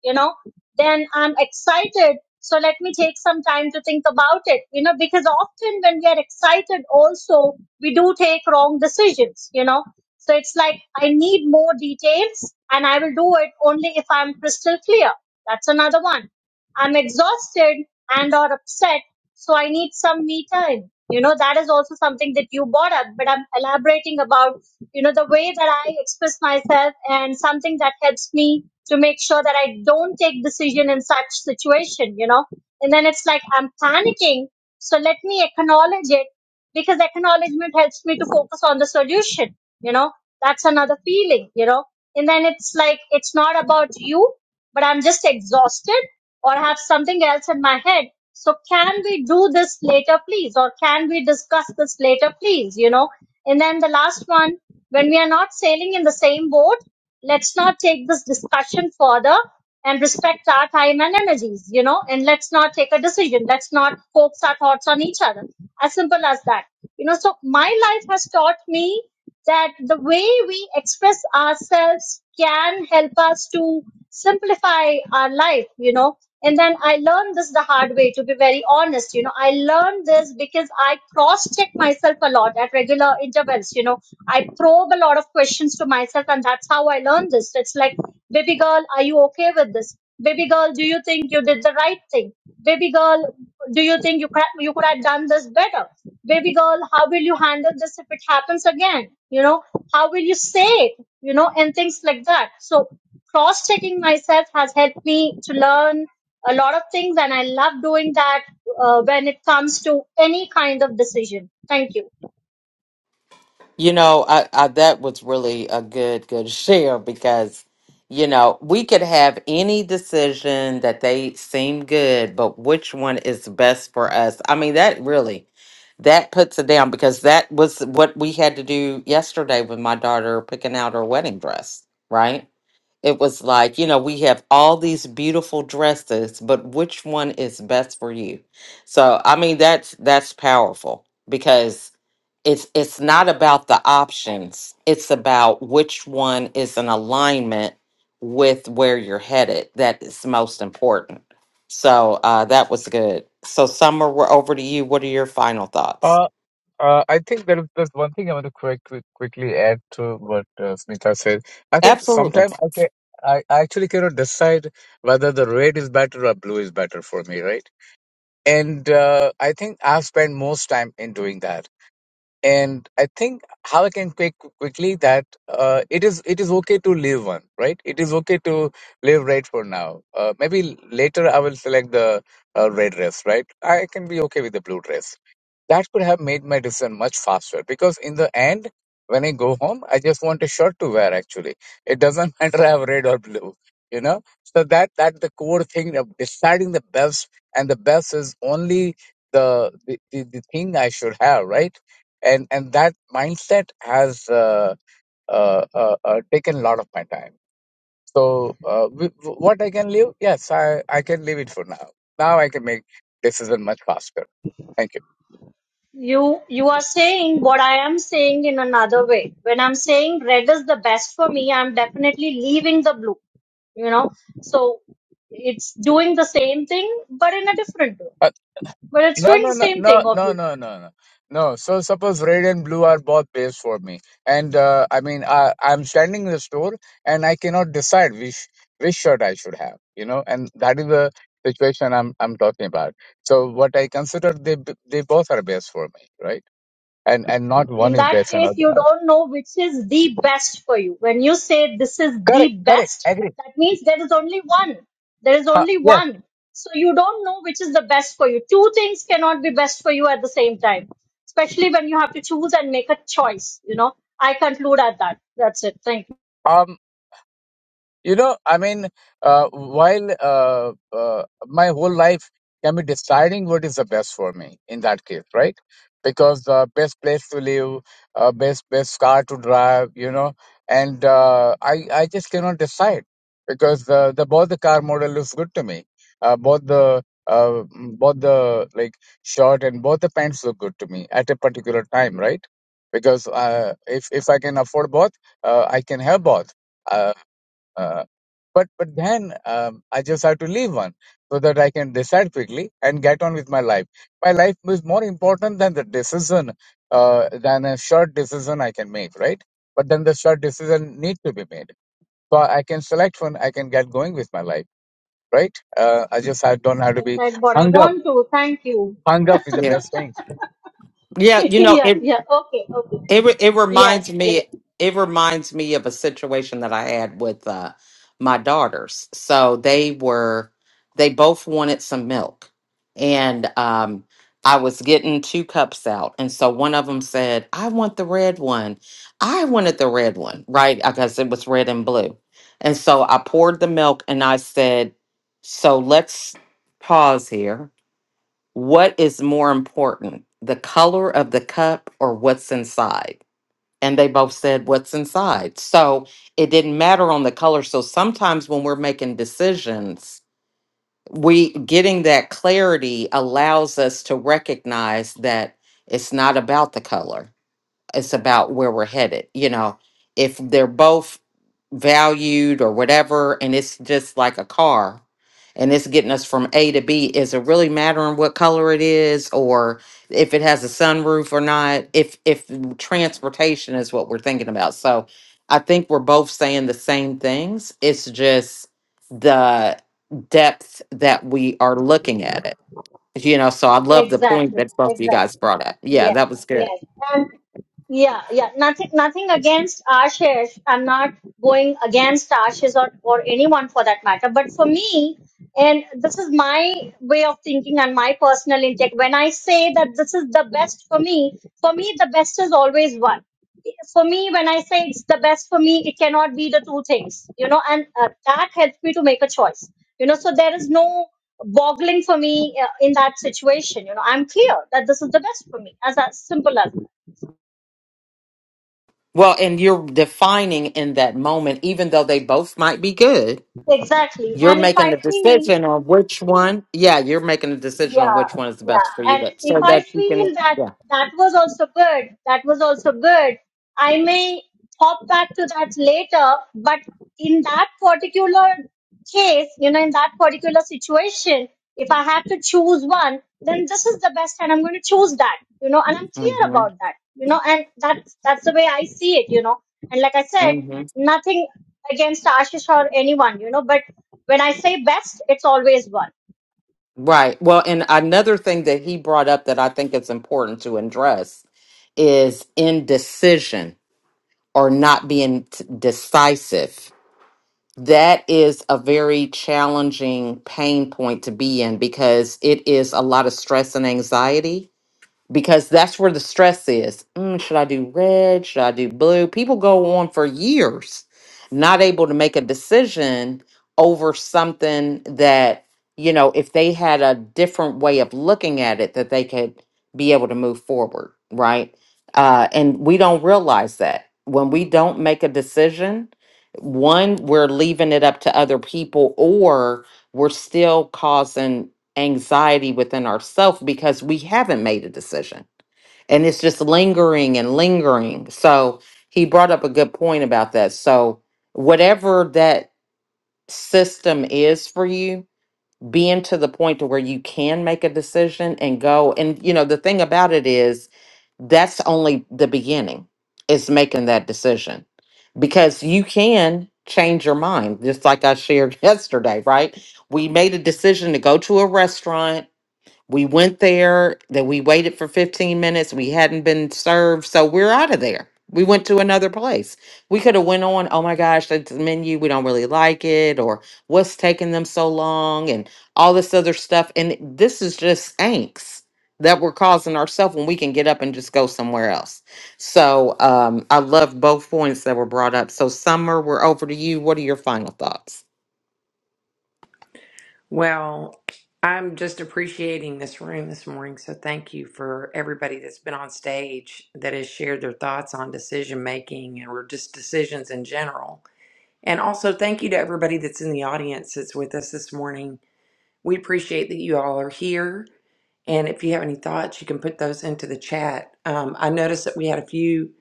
[SPEAKER 6] you know then i'm excited so let me take some time to think about it you know because often when we are excited also we do take wrong decisions you know so it's like i need more details and i will do it only if i'm crystal clear that's another one. I'm exhausted and or upset, so I need some me time. You know, that is also something that you brought up, but I'm elaborating about, you know, the way that I express myself and something that helps me to make sure that I don't take decision in such situation, you know. And then it's like I'm panicking, so let me acknowledge it because acknowledgement helps me to focus on the solution you know that's another feeling you know and then it's like it's not about you but i'm just exhausted or have something else in my head so can we do this later please or can we discuss this later please you know and then the last one when we are not sailing in the same boat let's not take this discussion further and respect our time and energies, you know, and let's not take a decision. Let's not focus our thoughts on each other. As simple as that. You know, so my life has taught me that the way we express ourselves can help us to simplify our life, you know, and then I learned this the hard way, to be very honest. You know, I learned this because I cross check myself a lot at regular intervals. You know, I probe a lot of questions to myself, and that's how I learned this. It's like, baby girl, are you okay with this? Baby girl, do you think you did the right thing? Baby girl, do you think you could, you could have done this better? Baby girl, how will you handle this if it happens again? You know, how will you say it? You know, and things like that. So cross checking myself has helped me to learn a lot of things and i love doing that uh, when it comes to any kind of decision thank you
[SPEAKER 1] You know, I, I that was really a good good share because you know we could have any decision that they seem good, but which one is best for us? I mean, that really that puts it down because that was what we had to do yesterday with my daughter picking out her wedding dress, right? it was like, you know, we have all these beautiful dresses, but which one is best for you? So, I mean, that's that's powerful because it's it's not about the options. It's about which one is in alignment with where you're headed that is most important. So, uh that was good. So, Summer, we're over to you. What are your final thoughts?
[SPEAKER 8] Uh, uh, I think there is there's one thing I want to quick, quick, quickly add to what uh, Smita said. I think
[SPEAKER 1] Absolutely.
[SPEAKER 8] sometimes I, can I I actually cannot decide whether the red is better or blue is better for me, right? and uh, I think I've spent most time in doing that. And I think how I can quick quickly that uh, it is it is okay to live one, right? It is okay to live red for now. Uh, maybe later I will select the uh, red dress, right? I can be okay with the blue dress that could have made my decision much faster because in the end, when I go home, I just want a shirt to wear actually. It doesn't matter I have red or blue, you know? So that that the core thing of deciding the best and the best is only the the, the, the thing I should have, right? And and that mindset has uh, uh, uh, uh, taken a lot of my time. So uh, w- w- what I can leave, yes, I, I can leave it for now. Now I can make decision much faster. Thank you.
[SPEAKER 6] you you are saying what i am saying in another way when i'm saying red is the best for me i'm definitely leaving the blue you know so it's doing the same thing but in a different way but it's
[SPEAKER 8] No,
[SPEAKER 6] doing
[SPEAKER 8] no,
[SPEAKER 6] the
[SPEAKER 8] no,
[SPEAKER 6] same
[SPEAKER 8] no,
[SPEAKER 6] thing
[SPEAKER 8] no,
[SPEAKER 6] obviously
[SPEAKER 8] no, no, no. No. So suppose red and blue are both base for me, and uh, I mean, I, I'm standing in the store and I cannot decide which which shirt I should have, you know, and that is the situation I'm I'm talking about. So what I consider they b- they both are base for me, right? And and not one
[SPEAKER 6] In
[SPEAKER 8] is
[SPEAKER 6] that
[SPEAKER 8] base
[SPEAKER 6] case,
[SPEAKER 8] another.
[SPEAKER 6] you don't know which is the best for you. When you say this is
[SPEAKER 8] Correct,
[SPEAKER 6] the
[SPEAKER 8] correct,
[SPEAKER 6] best,
[SPEAKER 8] agree.
[SPEAKER 6] that means there is only one. There is
[SPEAKER 8] Huh,
[SPEAKER 6] only
[SPEAKER 8] yes.
[SPEAKER 6] one. So you don't know which is the best for you. Two things cannot be best for you at the same time, especially when you have to choose and make a choice. You know, I conclude at that. That's it. Thank you.
[SPEAKER 8] um, You know, I mean, uh, while uh, uh, my whole life can be deciding what is the best for me in that case, right? Because the uh, best place to live, uh, best best car to drive, you know, and uh, I I just cannot decide because uh, the both the car model looks good to me, uh, both the uh, mm, both the like shirt and both the pants look good to me at a particular time, right? Because uh, if if I can afford both, uh, I can have both Uh, uh, but but then um, I just have to leave one so that I can decide quickly and get on with my life. My life is more important than the decision uh, than a short decision I can make, right? But then the short decision need to be made, so I can select one. I can get going with my life, right? Uh, I just I don't have
[SPEAKER 6] I
[SPEAKER 8] to be
[SPEAKER 6] said what I
[SPEAKER 8] hung up
[SPEAKER 6] want to. Thank you.
[SPEAKER 8] hung up with the
[SPEAKER 1] Yeah.
[SPEAKER 8] best thing.
[SPEAKER 1] Yeah, you know,
[SPEAKER 6] yeah,
[SPEAKER 1] it
[SPEAKER 6] yeah. Okay, okay.
[SPEAKER 1] It re- it
[SPEAKER 6] Yes,
[SPEAKER 1] reminds
[SPEAKER 6] yes.
[SPEAKER 1] me it reminds me of a situation that I had with uh, my daughters. So they were they both wanted some milk, and um, I was getting two cups out, and so one of them said, "I want the red one." I wanted the red one, right? Because it was red and blue, and so I poured the milk, and I said, "So let's pause here. What is more important, the color of the cup or what's inside?" and they both said what's inside. So it didn't matter on the color. So sometimes when we're making decisions, we getting that clarity allows us to recognize that it's not about the color it's about where we're headed you know if they're both valued or whatever and it's just like a car and it's getting us from a to b is it really mattering what color it is or if it has a sunroof or not if if transportation is what we're thinking about so i think we're both saying the same things it's just the depth that we are looking at it you know so i love the point
[SPEAKER 6] Exactly,
[SPEAKER 1] that both of you guys
[SPEAKER 6] exactly.
[SPEAKER 1] brought up yeah
[SPEAKER 6] Yes,
[SPEAKER 1] that was good
[SPEAKER 6] yes. Yeah, yeah. Nothing, nothing against Ashish. I'm not going against Ashish or, or anyone for that matter. But for me, and this is my way of thinking and my personal intake. When I say that this is the best for me, for me the best is always one. For me, when I say it's the best for me, it cannot be the two things, you know, and uh, that helps me to make a choice, you know. So there is no boggling for me uh, in that situation, you know. I'm clear that this is the best for me, as as simple as that.
[SPEAKER 1] well, and you're defining in that moment, even though they both might be good,
[SPEAKER 6] Exactly.
[SPEAKER 1] you're
[SPEAKER 6] And if
[SPEAKER 1] making a
[SPEAKER 6] I clean,
[SPEAKER 1] decision on which one. Yeah, you're making a decision on
[SPEAKER 6] yeah,
[SPEAKER 1] which one is the best for
[SPEAKER 6] yeah.
[SPEAKER 1] you
[SPEAKER 6] And
[SPEAKER 1] to,
[SPEAKER 6] if
[SPEAKER 1] so
[SPEAKER 6] I
[SPEAKER 1] that you can,
[SPEAKER 6] feel that
[SPEAKER 1] yeah.
[SPEAKER 6] that was also good, that was also good, I may hop back to that later. But in that particular case, you know, in that particular situation, if I have to choose one, then this is the best, and I'm going to choose that, you know, and I'm clear
[SPEAKER 1] hmm
[SPEAKER 6] about that, you know, and that's that's the way I see it, you know. And like I said,
[SPEAKER 1] hmm
[SPEAKER 6] nothing against Ashish or anyone, you know, but when I say best, it's always one.
[SPEAKER 1] Right. Well, and another thing that he brought up that I think it's important to address is indecision or not being t- decisive that is a very challenging pain point to be in because it is a lot of stress and anxiety because that's where the stress is. Mm, should I do red? Should I do blue? People go on for years not able to make a decision over something that, you know, if they had a different way of looking at it, that they could be able to move forward, right? Uh, and we don't realize that. When we don't make a decision, one, we're leaving it up to other people, or we're still causing anxiety within ourselves because we haven't made a decision and it's just lingering and lingering. So he brought up a good point about that. So whatever that system is for you, being to the point to where you can make a decision and go and you know the thing about it is that's only the beginning is making that decision because you can change your mind just like I shared yesterday, right? We made a decision to go to a restaurant we went there, that we waited for 15 minutes, we hadn't been served, so we're out of there. We went to another place. We could have went on, oh my gosh, that's the menu, we don't really like it, or what's taking them so long, and all this other stuff. And this is just angst that we're causing ourselves when we can get up and just go somewhere else. So um, I love both points that were brought up. So, Summer, we're over to you. What are your final thoughts?
[SPEAKER 5] Well, I'm just appreciating this room this morning. So thank you for everybody that's been on stage that has shared their thoughts on decision making and or just decisions in general. And also thank you to everybody that's in the audience that's with us this morning. We appreciate that you all are here. And if you have any thoughts, you can put those into the chat. Um, I noticed that we had a few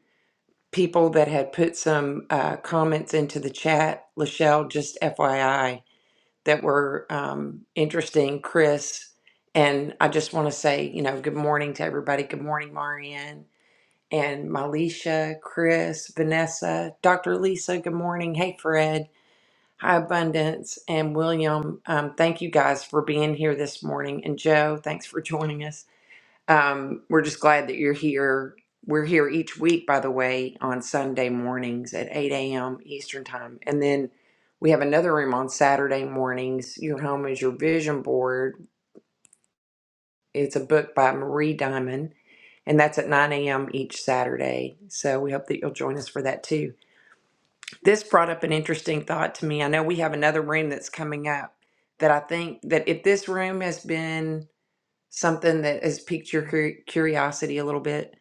[SPEAKER 5] people that had put some uh, comments into the chat. Lachelle, just FYI, that were um, interesting, Chris. And I just want to say, you know, good morning to everybody. Good morning, Marianne and Malisha, Chris, Vanessa, Dr. Lisa. Good morning. Hey, Fred. Hi, Abundance and William. Um, thank you guys for being here this morning. And Joe, thanks for joining us. Um, we're just glad that you're here. We're here each week, by the way, on Sunday mornings at 8 a.m. Eastern Time. And then we have another room on Saturday mornings. Your Home is Your Vision Board. It's a book by Marie Diamond, and that's at 9 a.m. each Saturday. So we hope that you'll join us for that too. This brought up an interesting thought to me. I know we have another room that's coming up that I think that if this room has been something that has piqued your cur- curiosity a little bit,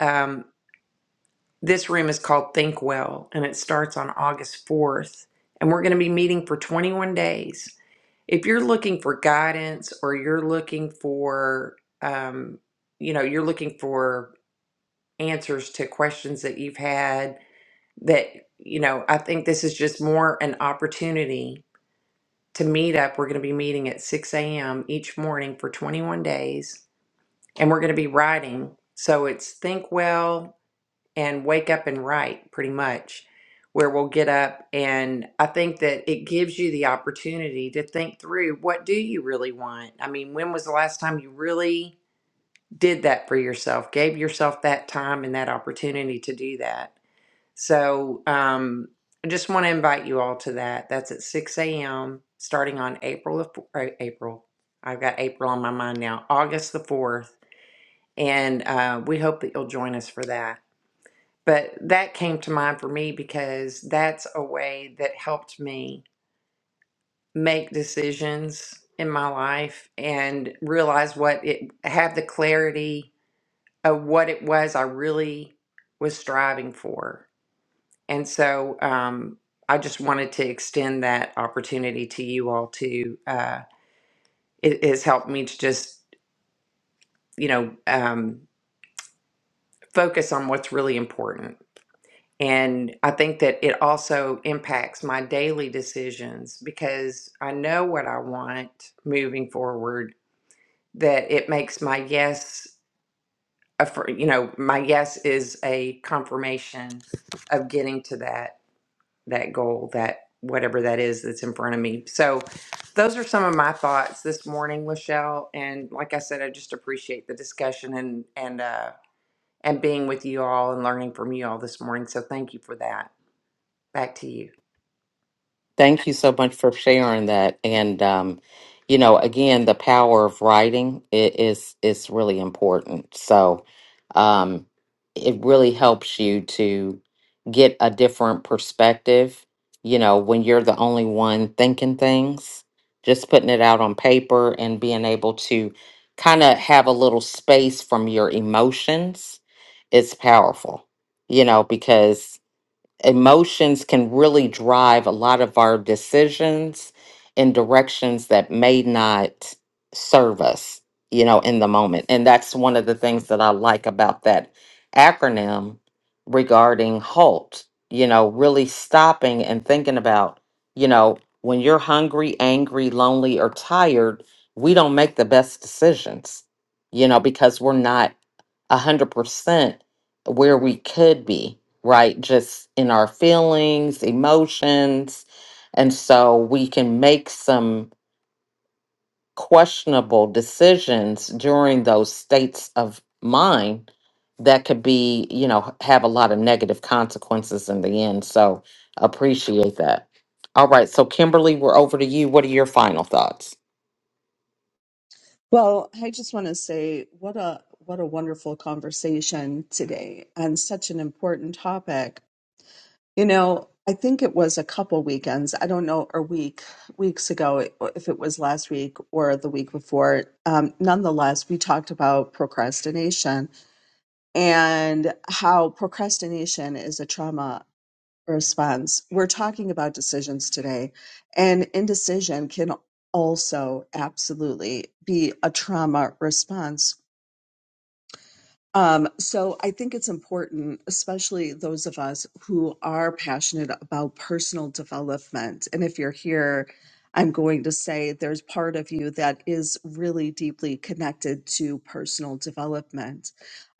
[SPEAKER 5] um, This room is called Think Well, and it starts on August 4th. And we're going to be meeting for 21 days. If you're looking for guidance or you're looking for, um, you know, you're looking for answers to questions that you've had, that, you know, I think this is just more an opportunity to meet up. We're going to be meeting at 6 a.m. each morning for 21 days, and we're going to be writing. So it's Think Well, and wake up and write pretty much where we'll get up and i think that it gives you the opportunity to think through what do you really want i mean when was the last time you really did that for yourself gave yourself that time and that opportunity to do that so um, i just want to invite you all to that that's at 6 a.m starting on april the fo- uh, april i've got april on my mind now august the 4th and uh, we hope that you'll join us for that but that came to mind for me because that's a way that helped me make decisions in my life and realize what it have the clarity of what it was I really was striving for. And so um, I just wanted to extend that opportunity to you all to uh, it has helped me to just you know um, focus on what's really important And I think that it also impacts my daily decisions because I know what I want moving forward, that it makes my yes, a, fir- you know, my yes is a confirmation of getting to that, that goal, that whatever that is that's in front of me. So those are some of my thoughts this morning, Lachelle. And like I said, I just appreciate the discussion and, and, uh, and being with you all and learning from you all this morning. So thank you for that. Back to you.
[SPEAKER 1] Thank you so much for sharing that. And um, you know, again, the power of writing i- is is really important. So um, it really helps you to get a different perspective. You know, when you're the only one thinking things, just putting it out on paper and being able to kind of have a little space from your emotions is powerful. You know, because emotions can really drive a lot of our decisions in directions that may not serve us, you know, in the moment. And that's one of the things that I like about that acronym regarding HALT, you know, really stopping and thinking about, you know, when you're hungry, angry, lonely, or tired, we don't make the best decisions, you know, because we're not 100% where we could be right? Just in our feelings, emotions. And so we can make some questionable decisions during those states of mind that could be, you know, have a lot of negative consequences in the end. So appreciate that. All right. So, Kimberly, we're over to you. What are your final thoughts?
[SPEAKER 4] Well, I just want to say what a what a wonderful conversation today on such an important topic. You know, I think it was a couple weekends. I don't know, or week weeks ago, if it was last week or the week before. Um, nonetheless, we talked about procrastination and how procrastination is a trauma response. We're talking about decisions today, and indecision can also absolutely be a trauma response um, so I think it's important, especially those of us who are passionate about personal development. And if you're here, I'm going to say there's part of you that is really deeply connected to personal development.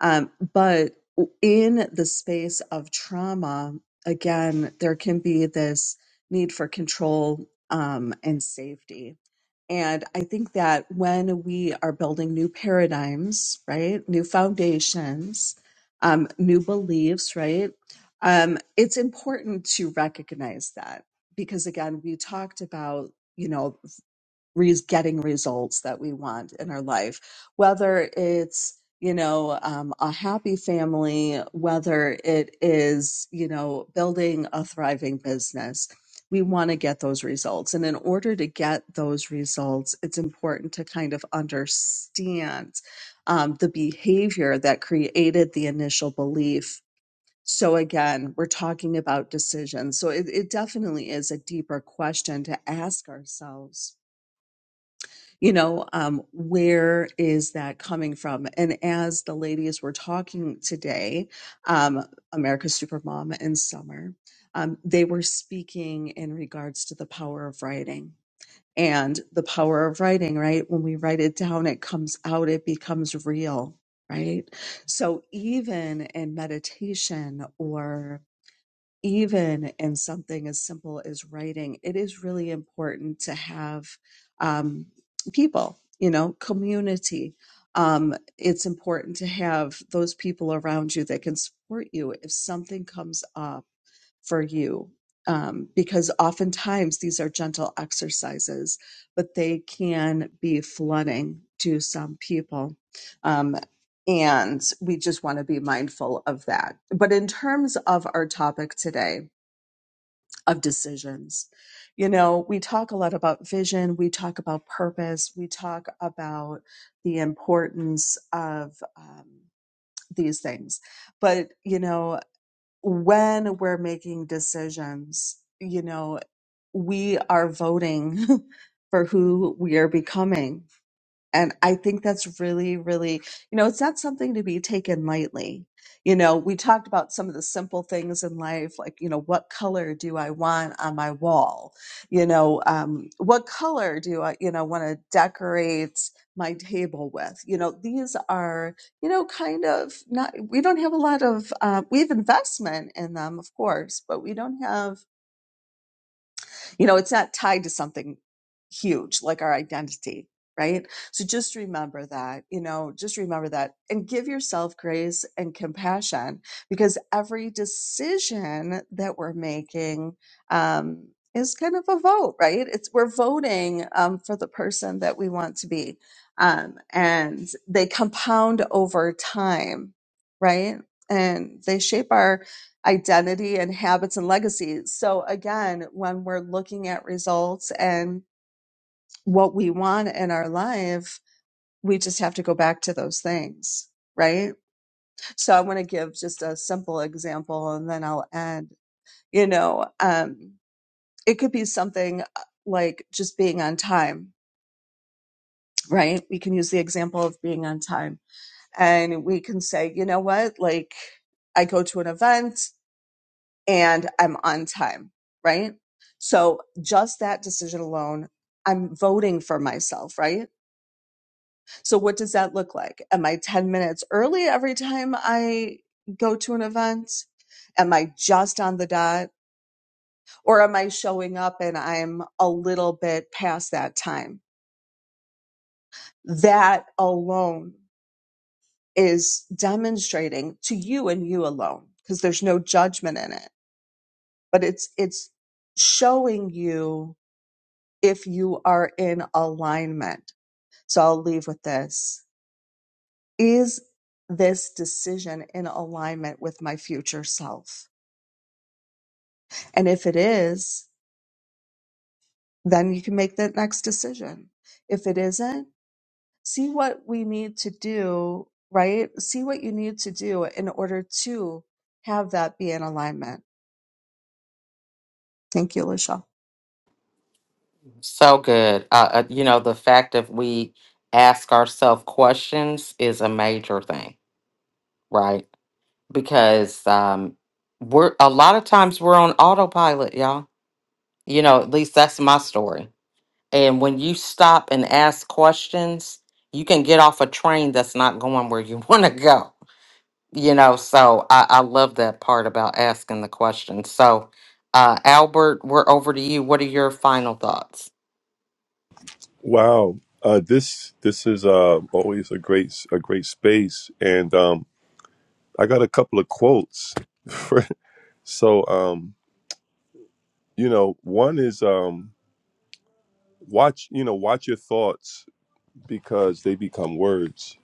[SPEAKER 4] Um, but in the space of trauma, again, there can be this need for control um, and safety and I think that when we are building new paradigms, right, new foundations, um, new beliefs, right, um, it's important to recognize that because again, we talked about, you know, res- getting results that we want in our life, whether it's you know um, a happy family, whether it is you know building a thriving business. We want to get those results. And in order to get those results, it's important to kind of understand um, the behavior that created the initial belief. So, again, we're talking about decisions. So, it, it definitely is a deeper question to ask ourselves you know um, where is that coming from and as the ladies were talking today um, america's supermom and summer um, they were speaking in regards to the power of writing and the power of writing right when we write it down it comes out it becomes real right so even in meditation or even in something as simple as writing, it is really important to have um, people, you know, community. Um, it's important to have those people around you that can support you if something comes up for you um, because oftentimes these are gentle exercises, but they can be flooding to some people. Um, and we just want to be mindful of that. But in terms of our topic today of decisions, you know, we talk a lot about vision, we talk about purpose, we talk about the importance of um, these things. But, you know, when we're making decisions, you know, we are voting for who we are becoming. And I think that's really, really, you know, it's not something to be taken lightly. You know, we talked about some of the simple things in life, like, you know, what color do I want on my wall? You know, um, what color do I, you know, want to decorate my table with? You know, these are, you know, kind of not, we don't have a lot of, uh, we have investment in them, of course, but we don't have you know, it's not tied to something huge like our identity, right? So just remember that, you know, just remember that and give yourself grace and compassion because every decision that we're making um, is kind of a vote, right? It's we're voting um, for the person that we want to be, um, and they compound over time, right? And they shape our identity and habits and legacies. So again, when we're looking at results and what we want in our life, we just have to go back to those things, right? So I want to give just a simple example and then I'll end. You know, um, it could be something uh, like just being on time, right? We can use the example of being on time and we can say, you know what, like I go to an event and I'm on time, right? So just that decision alone, I'm voting for myself, right? So what does that look like? Am I 10 minutes early every time I go to an event? Am I just on the dot? Or am I showing up and I'm a little bit past that time? That alone is demonstrating to you and you alone because there's no judgment in it, but it's, it's showing you if you are in alignment. So I'll leave with this. Is this decision in alignment with my future self? And if it is, then you can make that next decision. If it isn't, see what we need to do, right? See what you need to do in order to have that be in alignment. Thank you, Lachelle.
[SPEAKER 1] So good. Uh, uh, you know, the fact that we ask ourselves questions is a major thing, right? Because um, we're a lot of times we're on autopilot, y'all. You know, at least that's my story. And when you stop and ask questions, you can get off a train that's not going where you want to go. You know, so I, I love that part about asking the questions. So, uh, Albert, we're over to you. What are your final thoughts?
[SPEAKER 2] Wow, uh, this this is uh, always a great a great space, and um, I got a couple of quotes. For, so um, you know, one is um, watch you know watch your thoughts because they become words.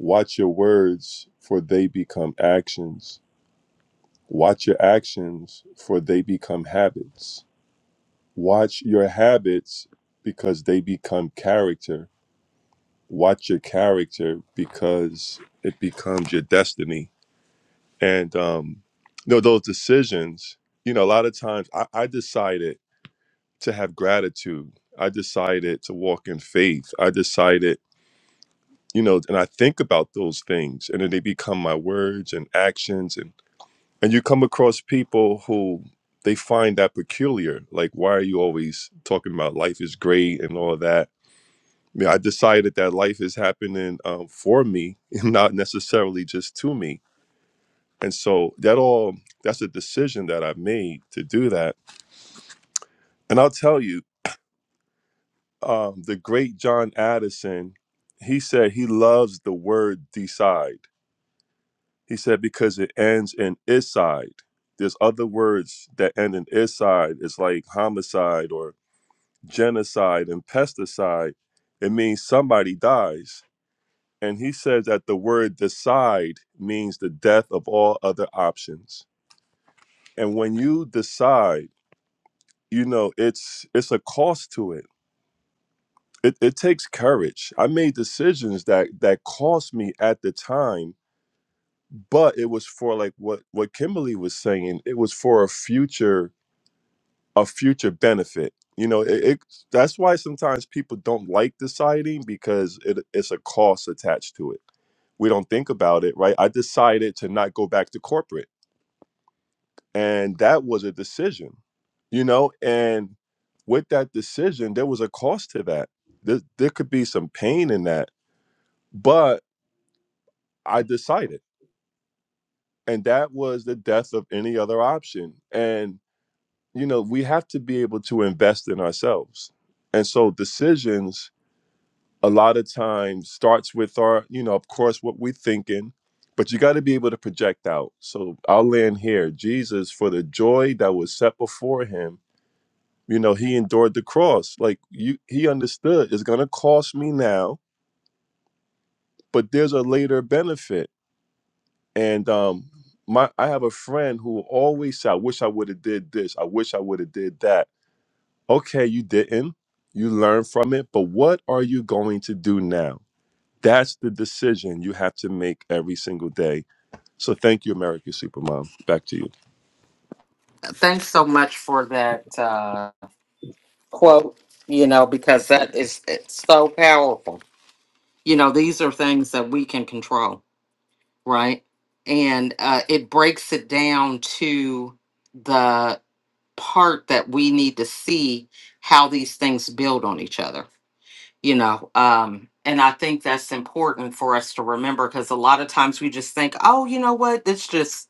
[SPEAKER 2] Watch your words for they become actions. Watch your actions for they become habits. Watch your habits because they become character watch your character because it becomes your destiny. And um, you know, those decisions, you know, a lot of times I, I decided to have gratitude. I decided to walk in faith. I decided, you know, and I think about those things and then they become my words and actions and and you come across people who they find that peculiar. Like, why are you always talking about life is great and all that? Yeah, I decided that life is happening um, for me and not necessarily just to me. And so that all that's a decision that I've made to do that. And I'll tell you, um, the great John Addison, he said he loves the word decide. He said because it ends in is There's other words that end in is It's like homicide or genocide and pesticide. It means somebody dies And he says that the word decide means the death of all other options. And when you decide, you know, it's it's a cost to it. It, it takes courage. I made decisions that that cost me at the time, but it was for like what what Kimberly was saying. It was for a future a future benefit. You know, it, it that's why sometimes people don't like deciding because it, it's a cost attached to it. We don't think about it, right? I decided to not go back to corporate, and that was a decision, you know. And with that decision, there was a cost to that. There, there could be some pain in that, but I decided, and that was the death of any other option. And you know, we have to be able to invest in ourselves, and so decisions a lot of times starts with our, you know, of course, what we're thinking, but you got to be able to project out. So I'll land here. Jesus, for the joy that was set before him, you know, he endured the cross. Like you, he understood it's going to cost me now, but there's a later benefit. And um, my, I have a friend who always say, "I wish I would have did this. I wish I would have did that." Okay, you didn't. You learn from it, but what are you going to do now? That's the decision you have to make every single day. So thank you, America Supermom. Back to you.
[SPEAKER 1] thanks so much for that uh, quote you know because that is it's so powerful you know these are things that we can control right and uh, it breaks it down to the part that we need to see how these things build on each other you know um and i think that's important for us to remember because a lot of times we just think oh you know what this just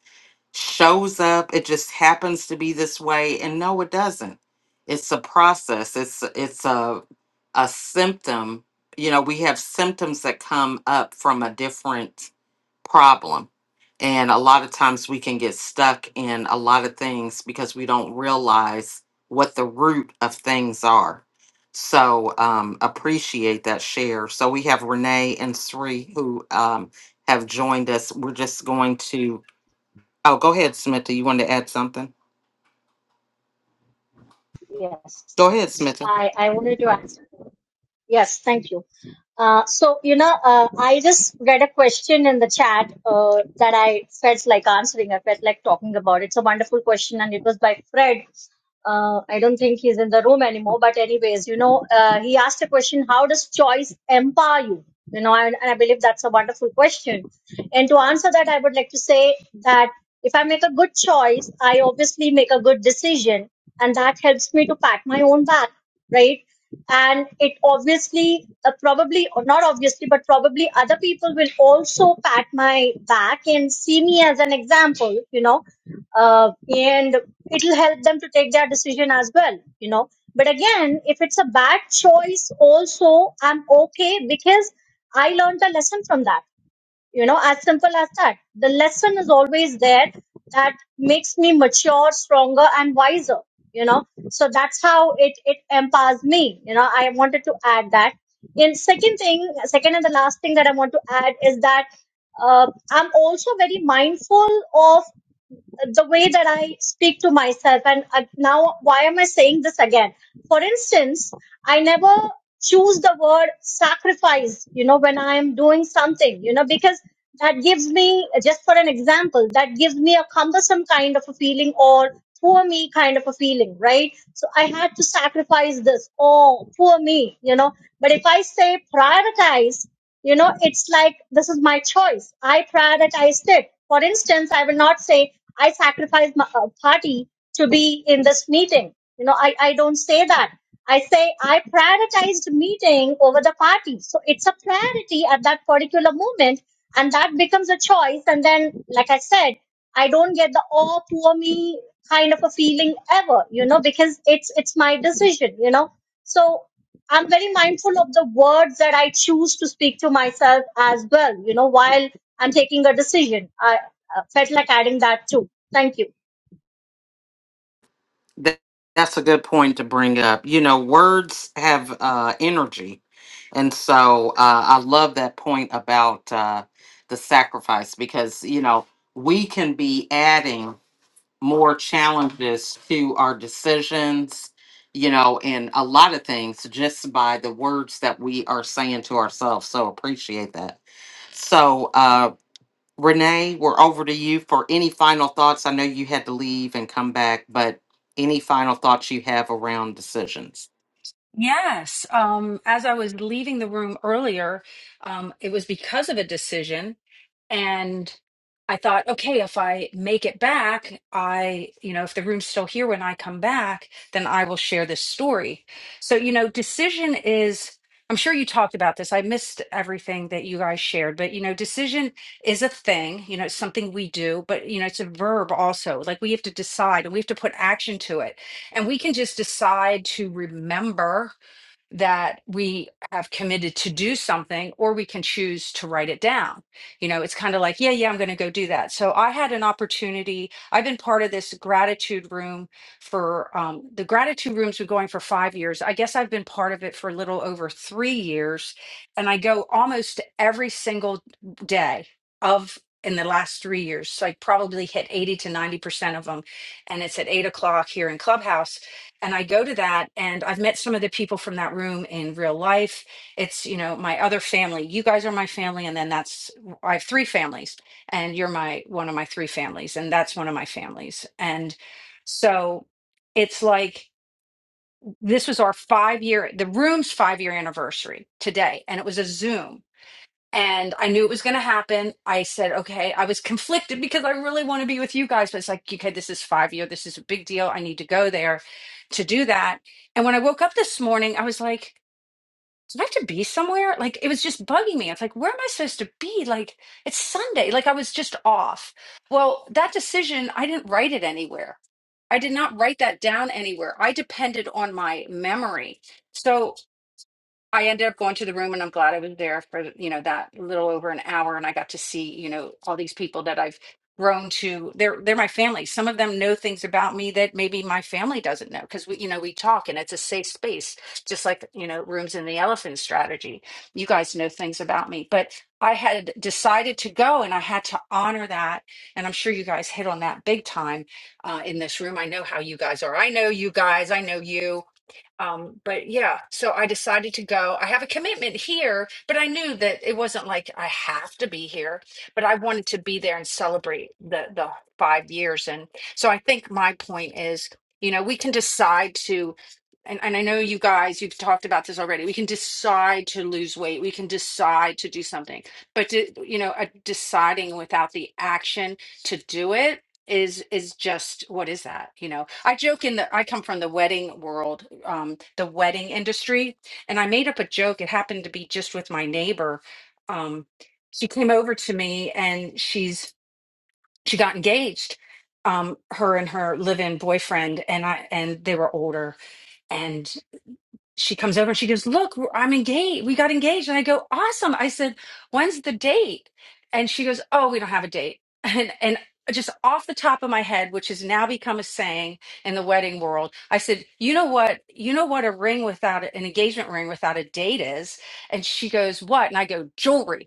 [SPEAKER 1] shows up it just happens to be this way and no it doesn't it's a process it's it's a a symptom you know we have symptoms that come up from a different problem. And a lot of times we can get stuck in a lot of things because we don't realize what the root of things are. So um, appreciate that share. So we have Renee and Sri who um, have joined us. We're just going to, oh, go ahead, Smitha. You wanted to add something?
[SPEAKER 6] Yes.
[SPEAKER 1] Go ahead, Smitha.
[SPEAKER 6] I, I wanted to answer. Yes, thank you. Uh, so, you know, uh, I just read a question in the chat uh, that I felt like answering. I felt like talking about. It's a wonderful question, and it was by Fred. Uh, I don't think he's in the room anymore, but anyways, you know, uh, he asked a question: How does choice empower you? You know, and, and I believe that's a wonderful question. And to answer that, I would like to say that if I make a good choice, I obviously make a good decision, and that helps me to pat my own back right? and it obviously uh, probably or not obviously but probably other people will also pat my back and see me as an example you know uh, and it'll help them to take their decision as well you know but again if it's a bad choice also i'm okay because i learned a lesson from that you know as simple as that the lesson is always there that makes me mature stronger and wiser you know so that's how it it empowers me you know i wanted to add that and second thing second and the last thing that i want to add is that uh, i'm also very mindful of the way that I speak to myself. And uh, now, why am I saying this again? For instance, I never choose the word sacrifice, you know, when I am doing something, you know, because that gives me, just for an example, that gives me a cumbersome kind of a feeling or poor me kind of a feeling, right? So I had to sacrifice this. Oh, poor me, you know. But if I say prioritize, you know, it's like this is my choice. I prioritized it. For instance, I will not say I sacrifice my uh, party to be in this meeting. You know, I, I don't say that. I say I prioritized meeting over the party. So it's a priority at that particular moment, and that becomes a choice. And then, like I said, I don't get the oh poor me kind of a feeling ever, you know, because it's it's my decision, you know. So I'm very mindful of the words that I choose to speak to myself as well, you know, while I'm taking a decision. I uh, felt like adding that too. Thank you.
[SPEAKER 1] That, that's a good point to bring up. You know, words have uh, energy. And so uh, I love that point about uh, the sacrifice because, you know, we can be adding more challenges to our decisions, you know, and a lot of things just by the words that we are saying to ourselves. So appreciate that. So, uh, Renee, we're over to you for any final thoughts. I know you had to leave and come back, but any final thoughts you have around decisions?
[SPEAKER 3] Yes. Um, as I was leaving the room earlier, um, it was because of a decision. And I thought, okay, if I make it back, I, you know, if the room's still here when I come back, then I will share this story. So, you know, decision is, I'm sure you talked about this. I missed everything that you guys shared, but, you know, decision is a thing, you know, it's something we do, but, you know, it's a verb also. Like we have to decide and we have to put action to it. And we can just decide to remember that we have committed to do something or we can choose to write it down you know it's kind of like yeah yeah i'm going to go do that so i had an opportunity i've been part of this gratitude room for um, the gratitude rooms been going for five years i guess i've been part of it for a little over three years and i go almost every single day of in the last three years so i probably hit 80 to 90 percent of them and it's at eight o'clock here in clubhouse and I go to that and I've met some of the people from that room in real life. It's, you know, my other family. You guys are my family and then that's I have three families and you're my one of my three families and that's one of my families. And so it's like this was our 5 year the room's 5 year anniversary today and it was a Zoom and I knew it was going to happen. I said, okay, I was conflicted because I really want to be with you guys, but it's like, okay, this is five year. This is a big deal. I need to go there to do that. And when I woke up this morning, I was like, do I have to be somewhere? Like, it was just bugging me. It's like, where am I supposed to be? Like, it's Sunday. Like, I was just off. Well, that decision, I didn't write it anywhere. I did not write that down anywhere. I depended on my memory. So. I ended up going to the room and I'm glad I was there for, you know, that little over an hour and I got to see, you know, all these people that I've grown to. They're they're my family. Some of them know things about me that maybe my family doesn't know because we, you know, we talk and it's a safe space, just like, you know, rooms in the elephant strategy. You guys know things about me, but I had decided to go and I had to honor that. And I'm sure you guys hit on that big time uh, in this room. I know how you guys are. I know you guys. I know you. Um, but yeah, so I decided to go. I have a commitment here, but I knew that it wasn't like I have to be here, but I wanted to be there and celebrate the the five years. And so I think my point is, you know, we can decide to and, and I know you guys, you've talked about this already. We can decide to lose weight. We can decide to do something, but to, you know, uh, deciding without the action to do it is is just what is that you know i joke in the i come from the wedding world um the wedding industry and i made up a joke it happened to be just with my neighbor um she came over to me and she's she got engaged um her and her live-in boyfriend and i and they were older she comes over and she goes, Look, we're- I'm engaged. We got engaged. And I go, Awesome. I said, When's the date? And she goes, Oh, we don't have a date. And, and just off the top of my head, which has now become a saying in the wedding world, I said, You know what? You know what a ring without a- an engagement ring without a date is? And she goes, What? And I go, Jewelry.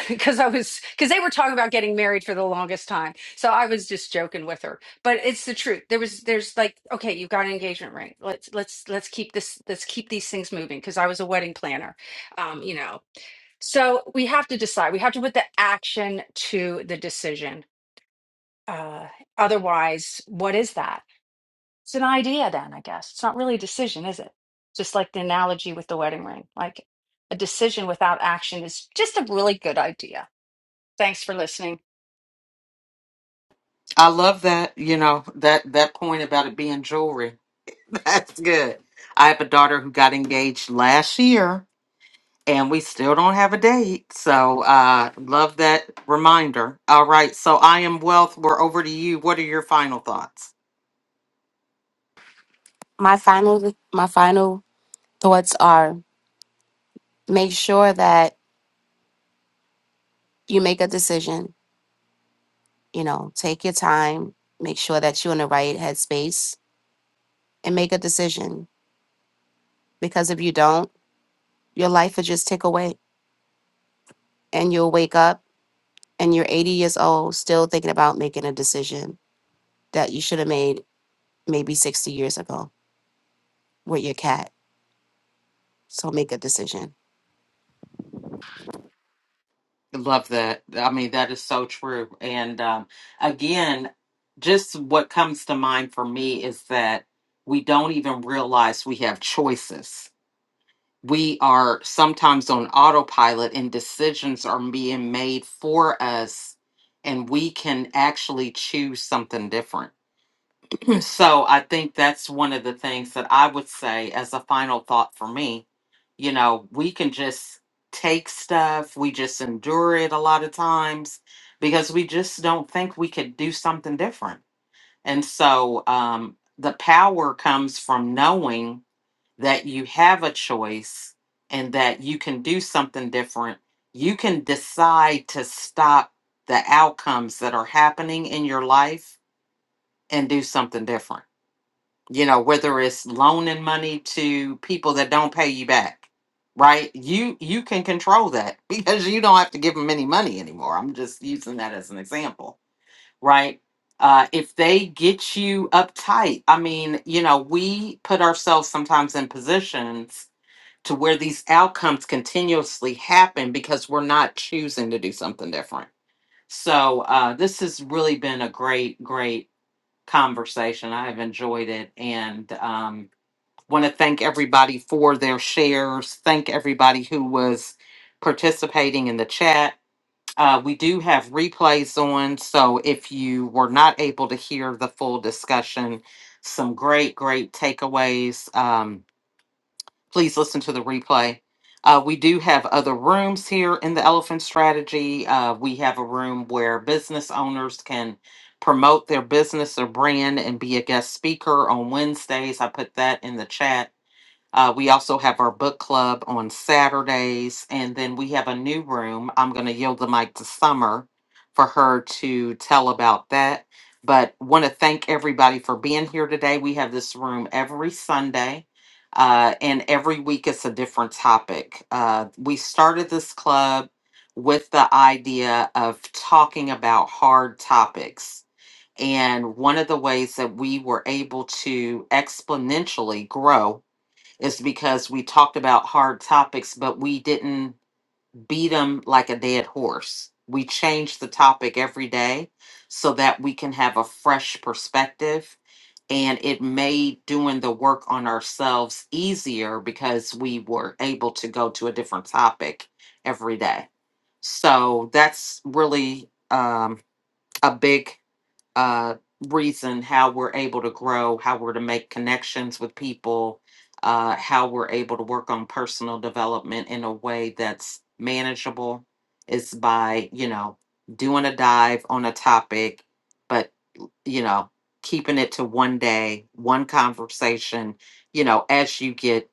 [SPEAKER 3] because I was because they were talking about getting married for the longest time. So I was just joking with her. But it's the truth. There was there's like, okay, you've got an engagement ring. Let's let's let's keep this let's keep these things moving because I was a wedding planner. Um, you know. So we have to decide. We have to put the action to the decision. Uh otherwise, what is that? It's an idea then, I guess. It's not really a decision, is it? Just like the analogy with the wedding ring. Like a decision without action is just a really good idea. Thanks for listening.
[SPEAKER 1] I love that, you know, that that point about it being jewelry. That's good. I have a daughter who got engaged last year and we still don't have a date. So, uh love that reminder. All right, so I am wealth. We're over to you. What are your final thoughts?
[SPEAKER 9] my final my final thoughts are make sure that you make a decision you know take your time make sure that you're in the right headspace and make a decision because if you don't your life will just tick away and you'll wake up and you're 80 years old still thinking about making a decision that you should have made maybe 60 years ago with your cat. So make a decision.
[SPEAKER 1] Love that. I mean, that is so true. And um, again, just what comes to mind for me is that we don't even realize we have choices. We are sometimes on autopilot, and decisions are being made for us, and we can actually choose something different. So I think that's one of the things that I would say as a final thought for me. You know, we can just take stuff, we just endure it a lot of times because we just don't think we could do something different. And so um, the power comes from knowing that you have a choice and that you can do something different. You can decide to stop the outcomes that are happening in your life and do something different you know whether it's loaning money to people that don't pay you back right you you can control that because you don't have to give them any money anymore i'm just using that as an example right uh, if they get you uptight i mean you know we put ourselves sometimes in positions to where these outcomes continuously happen because we're not choosing to do something different so uh, this has really been a great great conversation i have enjoyed it and um, want to thank everybody for their shares. Thank everybody who was participating in the chat. Uh, we do have replays on, so if you were not able to hear the full discussion, some great, great takeaways. Um, please listen to the replay. Uh, we do have other rooms here in the Elephant Strategy. Uh, we have a room where business owners can promote their business or brand and be a guest speaker on Wednesdays. I put that in the chat uh, we also have our book club on Saturdays, and then we have a new room. I'm going to yield the mic to Summer for her to tell about that. But want to thank everybody for being here today. We have this room every Sunday, uh, and every week it's a different topic. Uh, we started this club with the idea of talking about hard topics. And one of the ways that we were able to exponentially grow is because we talked about hard topics, but we didn't beat them like a dead horse. We change the topic every day so that we can have a fresh perspective. And it made doing the work on ourselves easier because we were able to go to a different topic every day. So that's really um, a big uh, reason how we're able to grow, how we're to make connections with people, uh, how we're able to work on personal development in a way that's manageable is by, you know, doing a dive on a topic, but, you know, keeping it to one day, one conversation. You know, as you get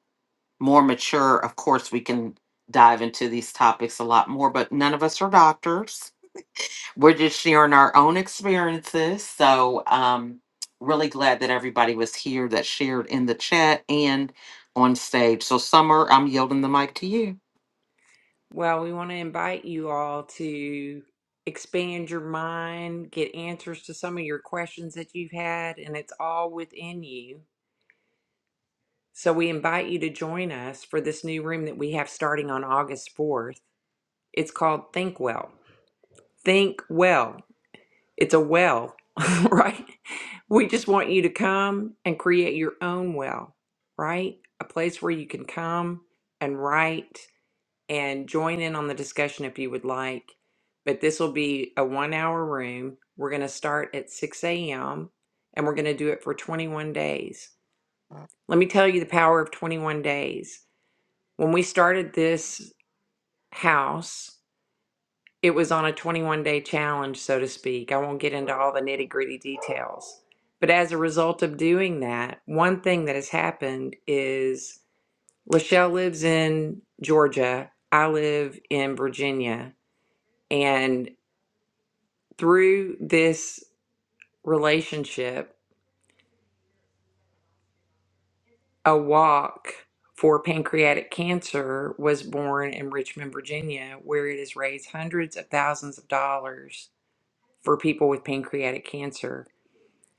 [SPEAKER 1] more mature, of course, we can dive into these topics a lot more, but none of us are doctors we're just sharing our own experiences. So, um, really glad that everybody was here that shared in the chat and on stage. So, Summer, I'm yielding the mic to you.
[SPEAKER 5] Well, we want to invite you all to expand your mind, get answers to some of your questions that you've had, and it's all within you. So we invite you to join us for this new room that we have starting on August 4th. It's called Think Well. Think Well. It's a well, right? We just want you to come and create your own well, right? A place where you can come and write and join in on the discussion if you would like. But this will be a one hour room. We're going to start at 6 a.m. and we're going to do it for 21 days. Let me tell you the power of 21 days. When we started this house, it was on a 21 day challenge, so to speak. I won't get into all the nitty gritty details. But as a result of doing that, one thing that has happened is Lachelle lives in Georgia. I live in Virginia And through this relationship, a walk for pancreatic cancer was born in Richmond, Virginia, where it has raised hundreds of thousands of dollars for people with pancreatic cancer.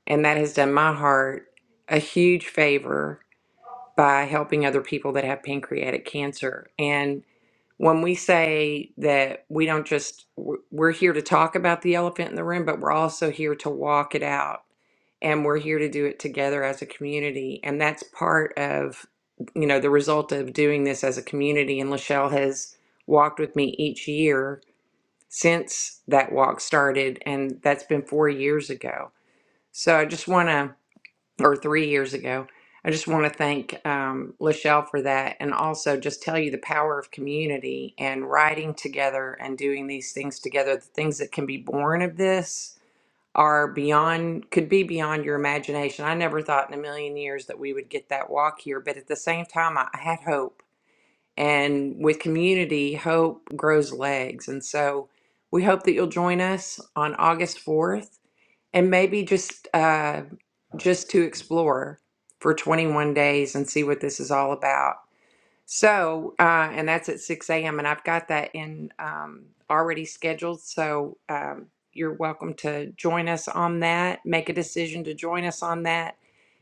[SPEAKER 5] And that has done my heart a huge favor by helping other people that have pancreatic cancer. and. when we say that we don't just we're we're here to talk about the elephant in the room but we're also here to walk it out and we're here to do it together as a community and that's part of you know the result of doing this as a community and lachelle has walked with me each year since that walk started and that's been four years ago so i just want to or three years ago. I just want to thank um, Lachelle for that and also just tell you the power of community and riding together and doing these things together. The things that can be born of this are beyond, could be beyond your imagination. I never thought in a million years that we would get that walk here, but at the same time, I I had hope. And with community, hope grows legs. And so we hope that you'll join us on August 4th and maybe just. Uh, just to explore for 21 days and see what this is all about. So, uh, and that's at 6 a.m. And I've got that in um, already scheduled. So um, you're welcome to join us on that. Make a decision to join us on that.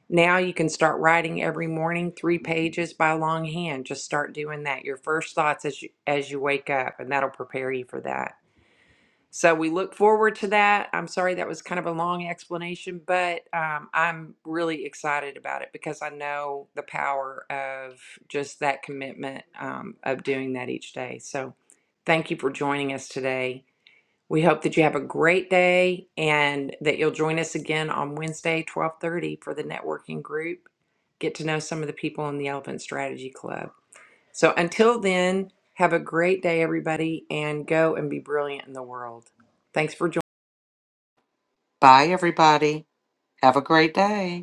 [SPEAKER 5] Now you can start writing every morning, three pages by longhand. Just start doing that. Your first thoughts as you, as you wake up, and that'll prepare you for that. So we look forward to that. I'm sorry that was kind of a long explanation, but um, I'm really excited about it because I know the power of just that commitment um, of doing that each day. So thank you for joining us today. We hope that you have a great day and that you'll join us again on Wednesday, 1230 for the networking group. Get to know some of the people in the Elephant Strategy Club. So until then, have a great day, everybody, and go and be brilliant in the world. Thanks for joining.
[SPEAKER 1] Bye, everybody. Have a great day.